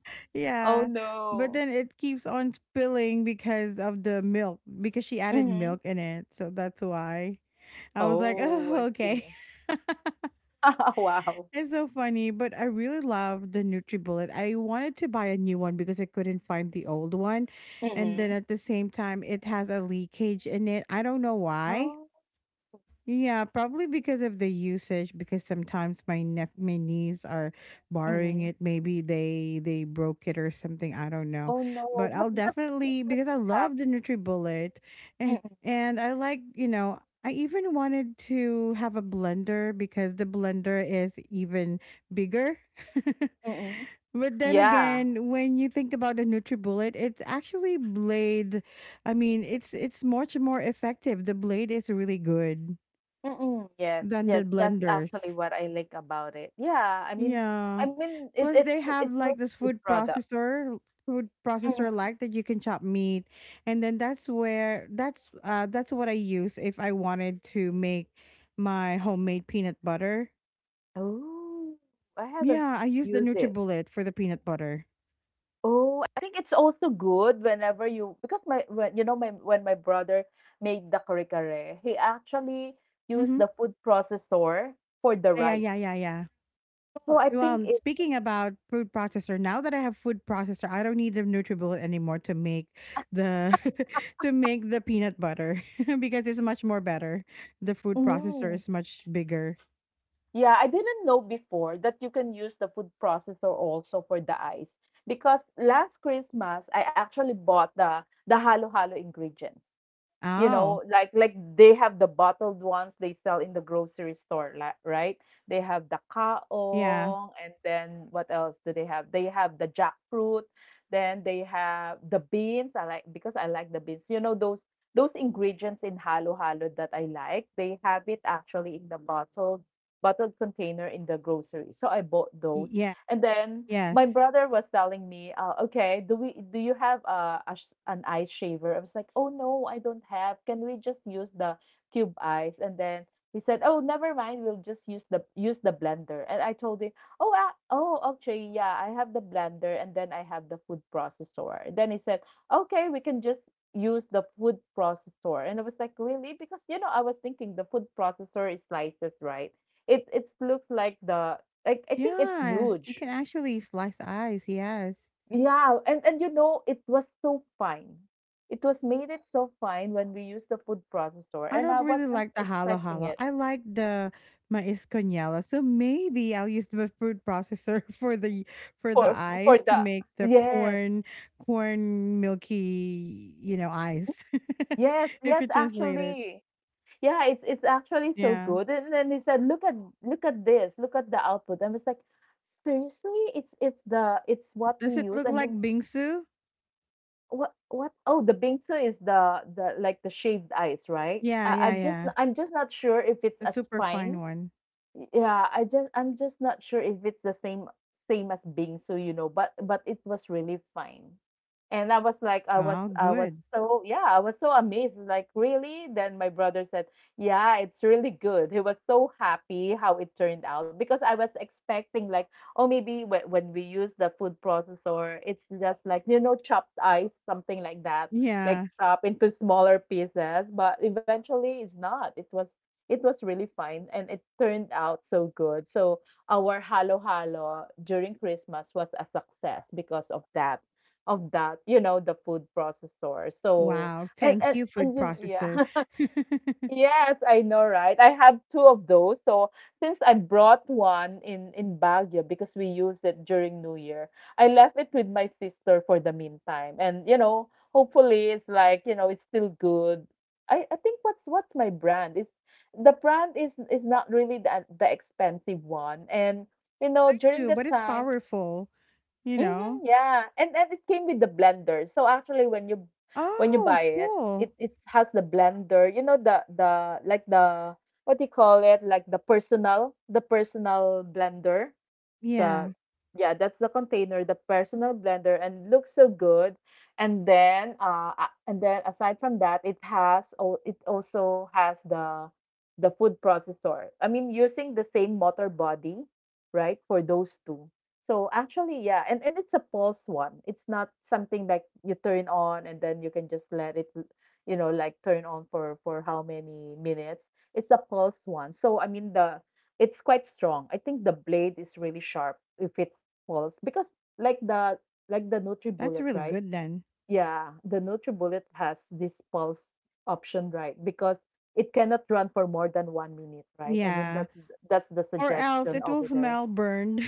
Speaker 2: Oh,
Speaker 1: yeah. But
Speaker 2: no.
Speaker 1: then it keeps on spilling because of the milk, because she added
Speaker 2: Mhm.
Speaker 1: milk in it. So that's why I was like,
Speaker 2: Oh, I
Speaker 1: oh, okay.
Speaker 2: see. Wow.
Speaker 1: It's so funny. But I really love the NutriBullet. I wanted to buy a new one because I couldn't find the old one. And then
Speaker 2: Mhm.
Speaker 1: at the same time, it has a leakage in it. I don't know why.
Speaker 2: Oh.
Speaker 1: Yeah, probably because of the usage. Because sometimes my niece are borrowing
Speaker 2: Mhm.
Speaker 1: it. Maybe they broke it or something. I don't know,
Speaker 2: Oh, no.
Speaker 1: but I'll
Speaker 2: But that
Speaker 1: definitely, because I
Speaker 2: have
Speaker 1: love the NutriBullet,
Speaker 2: Mm,
Speaker 1: and I like, you know, I even wanted to have a blender because the blender is even bigger.
Speaker 2: mm.
Speaker 1: But then
Speaker 2: Yeah.
Speaker 1: again, when you think about the NutriBullet, it's actually blade. I mean, it's much more effective. The blade is really good
Speaker 2: Mm, yes,
Speaker 1: than the
Speaker 2: yes, that's actually
Speaker 1: blenders.
Speaker 2: what I like about it. I
Speaker 1: Yeah.
Speaker 2: mean,
Speaker 1: Plus they have
Speaker 2: it's really
Speaker 1: like this
Speaker 2: good product.
Speaker 1: food
Speaker 2: Mhm.
Speaker 1: processor like that you can chop meat, and then that's where that's what I use if I wanted to make my homemade peanut butter.
Speaker 2: Oh, I haven't
Speaker 1: Yeah, I use the
Speaker 2: used it.
Speaker 1: NutriBullet for the peanut butter.
Speaker 2: Oh, I think it's also good whenever you because my when you know my when my brother made the kare-kare, he actually used
Speaker 1: Mhm.
Speaker 2: the food processor for the
Speaker 1: Yeah, yeah,
Speaker 2: rice.
Speaker 1: yeah, yeah.
Speaker 2: So
Speaker 1: Well,
Speaker 2: I think
Speaker 1: well,
Speaker 2: it
Speaker 1: speaking about food processor, now that I have food processor, I don't need the NutriBullet anymore to make the to make the peanut butter because it's much more better. The food processor
Speaker 2: Mm,
Speaker 1: is much bigger.
Speaker 2: yeah, I didn't know before that you can use the food processor also for the ice because last Christmas I actually bought the halo-halo ingredients. You
Speaker 1: Oh,
Speaker 2: know like they have the bottled ones they sell in the grocery store like right, they have the
Speaker 1: yeah.
Speaker 2: kaong and then what else do they have, they have the jackfruit, then they have the beans. I like because I like the beans, you know, those ingredients in halo halo that I like, they have it actually in the bottled container in the grocery, so I bought
Speaker 1: Y-
Speaker 2: those.
Speaker 1: Yeah.
Speaker 2: And then my
Speaker 1: Yes.
Speaker 2: brother was telling me, okay, do you have a sh- an ice shaver? I was like, oh no, I don't have. Can we just use the cube ice? And then he said, oh, never mind. We'll just use the blender. And I told him, oh, actually, yeah, I have the blender, and then I have the food processor. And then he said, okay, we can just use the food processor. And I was like, really? Because you know, I was thinking the food processor is slices, right? It looks like the like I think it's
Speaker 1: Yeah. You
Speaker 2: huge.
Speaker 1: can actually slice ice. Yes.
Speaker 2: Yeah, and you know it was so fine. It was made it so fine when we used the food processor,
Speaker 1: I
Speaker 2: and
Speaker 1: don't
Speaker 2: I
Speaker 1: really
Speaker 2: wasn't
Speaker 1: like the halo
Speaker 2: expecting
Speaker 1: halo.
Speaker 2: it
Speaker 1: I like the mais con hielo. So maybe I'll use the food processor for
Speaker 2: for
Speaker 1: the
Speaker 2: for the
Speaker 1: ice to make the
Speaker 2: yes,
Speaker 1: corn milky, you know, ice. If
Speaker 2: yes.
Speaker 1: you translate it.
Speaker 2: Actually, yeah, it's actually so
Speaker 1: Yeah.
Speaker 2: good. And then he said, look at this, look at the output." I was like, "Seriously, it's what we
Speaker 1: Does it
Speaker 2: use."
Speaker 1: look
Speaker 2: I
Speaker 1: like
Speaker 2: mean,
Speaker 1: bingsu?
Speaker 2: what? Oh, the bingsu is the like the shaved ice, right?
Speaker 1: Yeah,
Speaker 2: I,
Speaker 1: yeah,
Speaker 2: I'm just
Speaker 1: yeah.
Speaker 2: I'm just not sure if it's
Speaker 1: The
Speaker 2: as
Speaker 1: super fine
Speaker 2: fine.
Speaker 1: one.
Speaker 2: Yeah, I'm just not sure if it's the same as bingsu, you know, but it was really fine. And I was like I was
Speaker 1: Oh,
Speaker 2: I was
Speaker 1: good.
Speaker 2: so yeah, I was so amazed, like really? Then my brother said, "Yeah, it's really good." He was so happy how it turned out because I was expecting like, oh, maybe when we use the food processor, it's just like, you know, chopped ice, something like that, like
Speaker 1: Yeah.
Speaker 2: chop into smaller pieces, but eventually it's not. It was really fine and it turned out so good. So our halo halo during Christmas was a success because of that, of that, the food processor. So
Speaker 1: Wow. Thank you, food processor.
Speaker 2: yeah.
Speaker 1: I
Speaker 2: Yes, I know, right? I have two of those. So since I brought one in Baguio because we used it during New Year, I left it with my sister for the meantime. And, you know, hopefully it's like, you know, it's still good. I think what's my brand? It's the brand is not really the expensive one. And, you know, during
Speaker 1: too, but
Speaker 2: that
Speaker 1: it's
Speaker 2: time.
Speaker 1: powerful, you know.
Speaker 2: Mhm, yeah, and it came with the blender. So actually, when you buy
Speaker 1: Oh,
Speaker 2: it,
Speaker 1: cool.
Speaker 2: it has the blender. You know, the like the, what do you call it? Like the personal blender,
Speaker 1: Yeah,
Speaker 2: the, yeah, that's the container, the personal blender, and looks so good. And then and then aside from that, it has, oh, it also has the food processor. I mean, using the same motor body, right, for those two. So actually, yeah, and it's a pulse one. It's not something like you turn on and then you can just let it, you know, like turn on for how many minutes. It's a pulse one. So I mean the, it's quite strong. I think the blade is really sharp if it falls, because like the, like the
Speaker 1: that's
Speaker 2: NutriBullet,
Speaker 1: really
Speaker 2: right?
Speaker 1: good then.
Speaker 2: Yeah, the NutriBullet has this pulse option, right? Because it cannot run for more than 1 minute, right? I mean,
Speaker 1: Yeah.
Speaker 2: that's the
Speaker 1: Or else
Speaker 2: suggestion
Speaker 1: it will
Speaker 2: over there.
Speaker 1: smell burned.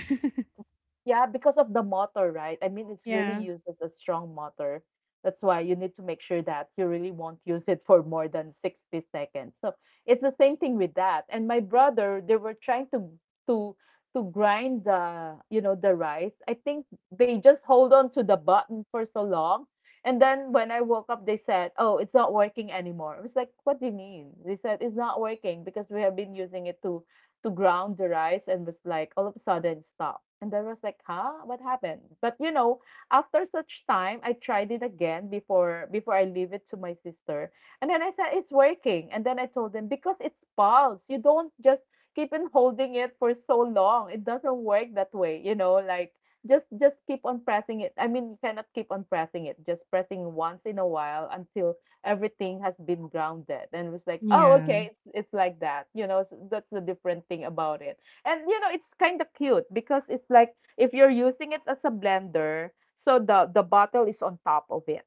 Speaker 2: Yeah, because of the motor, right? I mean, it's really
Speaker 1: Yeah.
Speaker 2: used as a strong motor. That's why you need to make sure that you really won't use it for more than 60 seconds. So it's the same thing with that. And my brother, they were trying to to grind the, you know, the rice. I think they just hold on to the button for so long. And then when I woke up, they said, "Oh, it's not working anymore." I was like, "What do you mean?" They said, "It's not working because we have been using it to ground the rice, and was like all of a sudden stop. And I was like, huh? What happened? But you know, after such time, I tried it again before I leave it to my sister. And then I said, it's working. And then I told them, because it's pulse. You don't just keep on holding it for so long. It doesn't work that way, you know, like just keep on pressing it. I mean, you cannot keep on pressing it. Just pressing once in a while until everything has been grounded. And it was like, oh,
Speaker 1: Yeah.
Speaker 2: okay, it's like that, you know, so that's the different thing about it. And, you know, it's kind of cute because it's like, if you're using it as a blender, so the bottle is on top of it.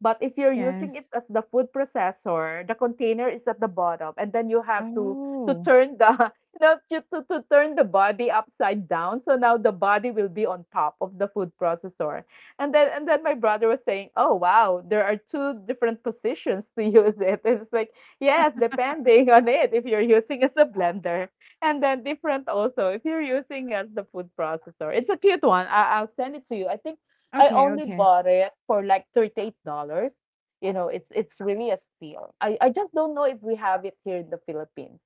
Speaker 2: But if you're using it
Speaker 1: Yes.
Speaker 2: as the food processor, the container is at the bottom and then you have to
Speaker 1: Oh.
Speaker 2: turn the you know to turn the body upside down, so now the body will be on top of the food processor. And then and then my brother was saying, "Oh wow, there are two different positions to use it." And it's like, yes, depending on it, if you're using as a blender, and then different also if you're using as the food processor. It's a cute one. I'll send it to you. I think I
Speaker 1: Okay,
Speaker 2: only
Speaker 1: okay.
Speaker 2: bought it for like $38. You know, it's really a steal. I just don't know if we have it here in the Philippines,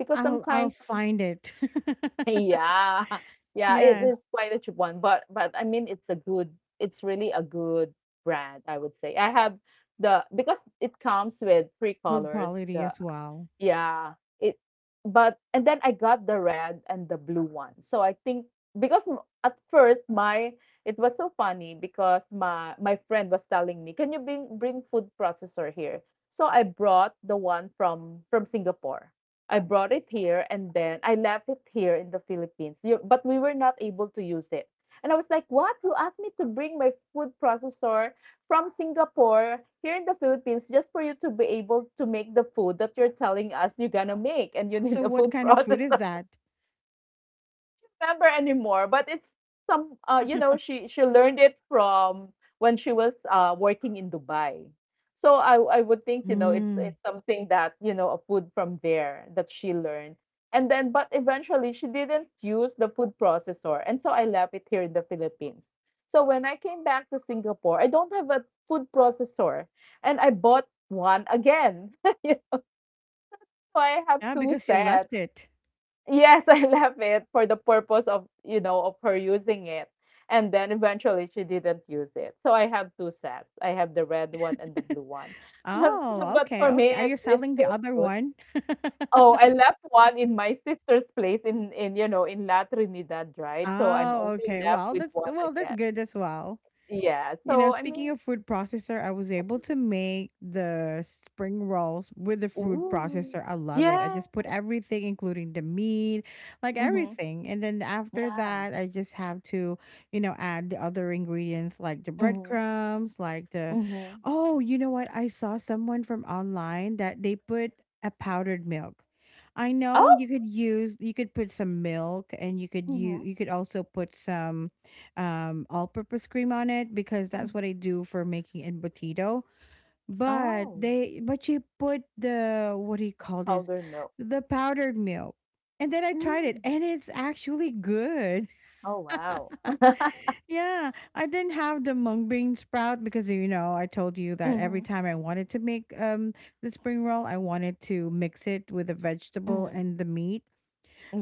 Speaker 2: because
Speaker 1: I'll
Speaker 2: sometimes.
Speaker 1: find it.
Speaker 2: Yeah, yeah, it is
Speaker 1: Yes.
Speaker 2: quite a cheap one, but I mean it's a good, it's really a good brand, I would say. I have the, because it comes with three
Speaker 1: Good
Speaker 2: colors,
Speaker 1: quality
Speaker 2: the,
Speaker 1: as well.
Speaker 2: yeah, it, but and then I got the red and the blue one. So I think, because m- at first my, it was so funny because my friend was telling me, "Can you bring food processor here?" So I brought the one from Singapore. I brought it here and then I left it here in the Philippines. You, but we were not able to use it. And I was like, "What? You asked me to bring my food processor from Singapore here in the Philippines just for you to be able to make the food that you're telling us you're gonna make, and you need
Speaker 1: So
Speaker 2: a
Speaker 1: what
Speaker 2: food
Speaker 1: kind of food is
Speaker 2: processor
Speaker 1: that?
Speaker 2: remember anymore, but it's some you know, she learned it from when she was working in Dubai. So I would think, you know, it's
Speaker 1: Mm.
Speaker 2: it's something that, you know, a food from there that she learned. And then, but eventually, she didn't use the food processor. And so I left it here in the Philippines. So when I came back to Singapore, I don't have a food processor, and I bought one again. So I have
Speaker 1: Yeah,
Speaker 2: two
Speaker 1: because you left
Speaker 2: sets.
Speaker 1: it.
Speaker 2: Yes, I left it for the purpose of, you know, of her using it. And then eventually she didn't use it. So I have two sets. I have the red one and the blue one. But,
Speaker 1: Oh,
Speaker 2: but
Speaker 1: okay,
Speaker 2: for me,
Speaker 1: okay. Are you
Speaker 2: it's
Speaker 1: selling the
Speaker 2: still
Speaker 1: other
Speaker 2: good.
Speaker 1: one?
Speaker 2: Oh, I left one in my sister's place in in La Trinidad, right? So I'm
Speaker 1: Oh,
Speaker 2: only
Speaker 1: okay.
Speaker 2: left
Speaker 1: Well,
Speaker 2: with
Speaker 1: that's,
Speaker 2: one
Speaker 1: well, that's
Speaker 2: again.
Speaker 1: good as well.
Speaker 2: Yeah.
Speaker 1: You know,
Speaker 2: So I
Speaker 1: speaking
Speaker 2: mean,
Speaker 1: of food processor, I was able to make the spring rolls with the food
Speaker 2: ooh,
Speaker 1: processor. I love it. I
Speaker 2: yeah.
Speaker 1: just put everything, including the meat, like
Speaker 2: Mm-hmm.
Speaker 1: everything. And then after
Speaker 2: Yeah.
Speaker 1: that, I just have to, you know, add the other ingredients like the
Speaker 2: Mm-hmm.
Speaker 1: breadcrumbs, like the,
Speaker 2: Mm-hmm.
Speaker 1: oh, you know what? I saw someone from online that they put a powdered milk. I know
Speaker 2: Oh.
Speaker 1: you could use, you could put some milk and you could, you
Speaker 2: Mm-hmm.
Speaker 1: you could also put some all-purpose cream on it because that's what I do for making embutido. But
Speaker 2: Oh.
Speaker 1: they, but she put the, what do you call this?
Speaker 2: Powder milk.
Speaker 1: The powdered milk. And then I tried it
Speaker 2: Mm.
Speaker 1: and it's actually good.
Speaker 2: Oh, wow.
Speaker 1: Yeah. I didn't have the mung bean sprout because, you know, I told you that every
Speaker 2: Mhm,
Speaker 1: time I wanted to make the spring roll, I wanted to mix it with the vegetable
Speaker 2: mhm.
Speaker 1: and the meat.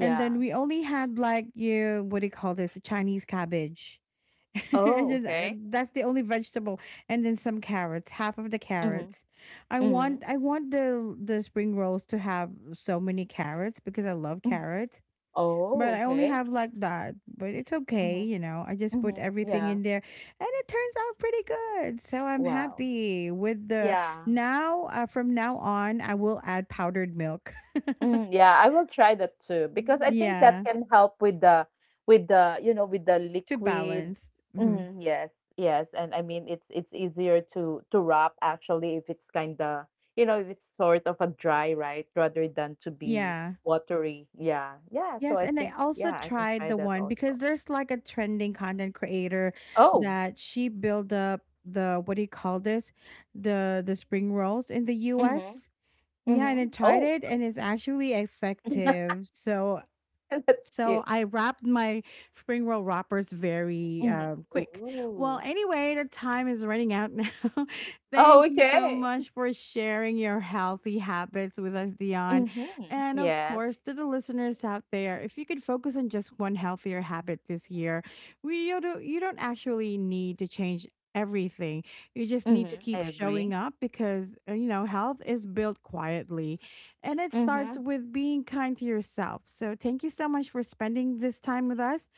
Speaker 1: And then we only had like you, what do you call this? The Chinese cabbage.
Speaker 2: Oh, okay.
Speaker 1: That's the only vegetable, and then some carrots, half of the
Speaker 2: Mhm,
Speaker 1: carrots.
Speaker 2: mhm,
Speaker 1: I want the spring rolls to have so many carrots because I love
Speaker 2: mm.
Speaker 1: carrots,
Speaker 2: Oh,
Speaker 1: but I only
Speaker 2: okay.
Speaker 1: have like that. But it's okay,
Speaker 2: Mhm,
Speaker 1: you know. I just put
Speaker 2: mhm.
Speaker 1: everything
Speaker 2: Yeah.
Speaker 1: in there, and it turns out pretty good. So I'm
Speaker 2: Wow.
Speaker 1: happy with the
Speaker 2: Yeah.
Speaker 1: now. From now on, I will add powdered milk.
Speaker 2: Mm, yeah, I will try that too because I think that
Speaker 1: Yeah,
Speaker 2: can help with the with the, you know, with the
Speaker 1: to
Speaker 2: liquid.
Speaker 1: balance. Hmm.
Speaker 2: Mm, yes, yes, and I mean it's easier to wrap actually if it's kind of, you know, if it's sort of a dry, right, rather than to be
Speaker 1: Yeah.
Speaker 2: watery. Yeah, yeah. So
Speaker 1: Yes,
Speaker 2: I
Speaker 1: and I
Speaker 2: think, yeah,
Speaker 1: also
Speaker 2: I can
Speaker 1: tried
Speaker 2: try
Speaker 1: the
Speaker 2: that
Speaker 1: one
Speaker 2: also.
Speaker 1: because there's like a trending content creator
Speaker 2: Oh,
Speaker 1: that she built up the, what do you call this? The spring rolls in the
Speaker 2: mm-hmm,
Speaker 1: US. Yeah, and
Speaker 2: mm-hmm.
Speaker 1: I tried
Speaker 2: Oh,
Speaker 1: it and it's actually effective. So
Speaker 2: that's
Speaker 1: so
Speaker 2: cute.
Speaker 1: I wrapped my spring roll wrappers very
Speaker 2: Mm-hmm.
Speaker 1: quick. Well,
Speaker 2: Ooh.
Speaker 1: anyway, the time is running out now.
Speaker 2: Oh,
Speaker 1: Thank you so
Speaker 2: okay.
Speaker 1: much for sharing your healthy habits with us, Dion.
Speaker 2: Mm-hmm.
Speaker 1: And of
Speaker 2: Yes.
Speaker 1: course, to the listeners out there, if you could focus on just one healthier habit this year, we, you don't actually need to change everything. You just need to
Speaker 2: Mm-hmm. I
Speaker 1: keep
Speaker 2: agree.
Speaker 1: showing up because you know, health is built quietly and it starts
Speaker 2: Mhm.
Speaker 1: with being kind to yourself. So thank you so much for spending this time with us.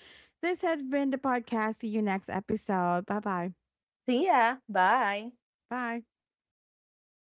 Speaker 1: This has been the podcast. See you next episode. Bye-bye.
Speaker 2: See ya. Bye.
Speaker 1: Bye.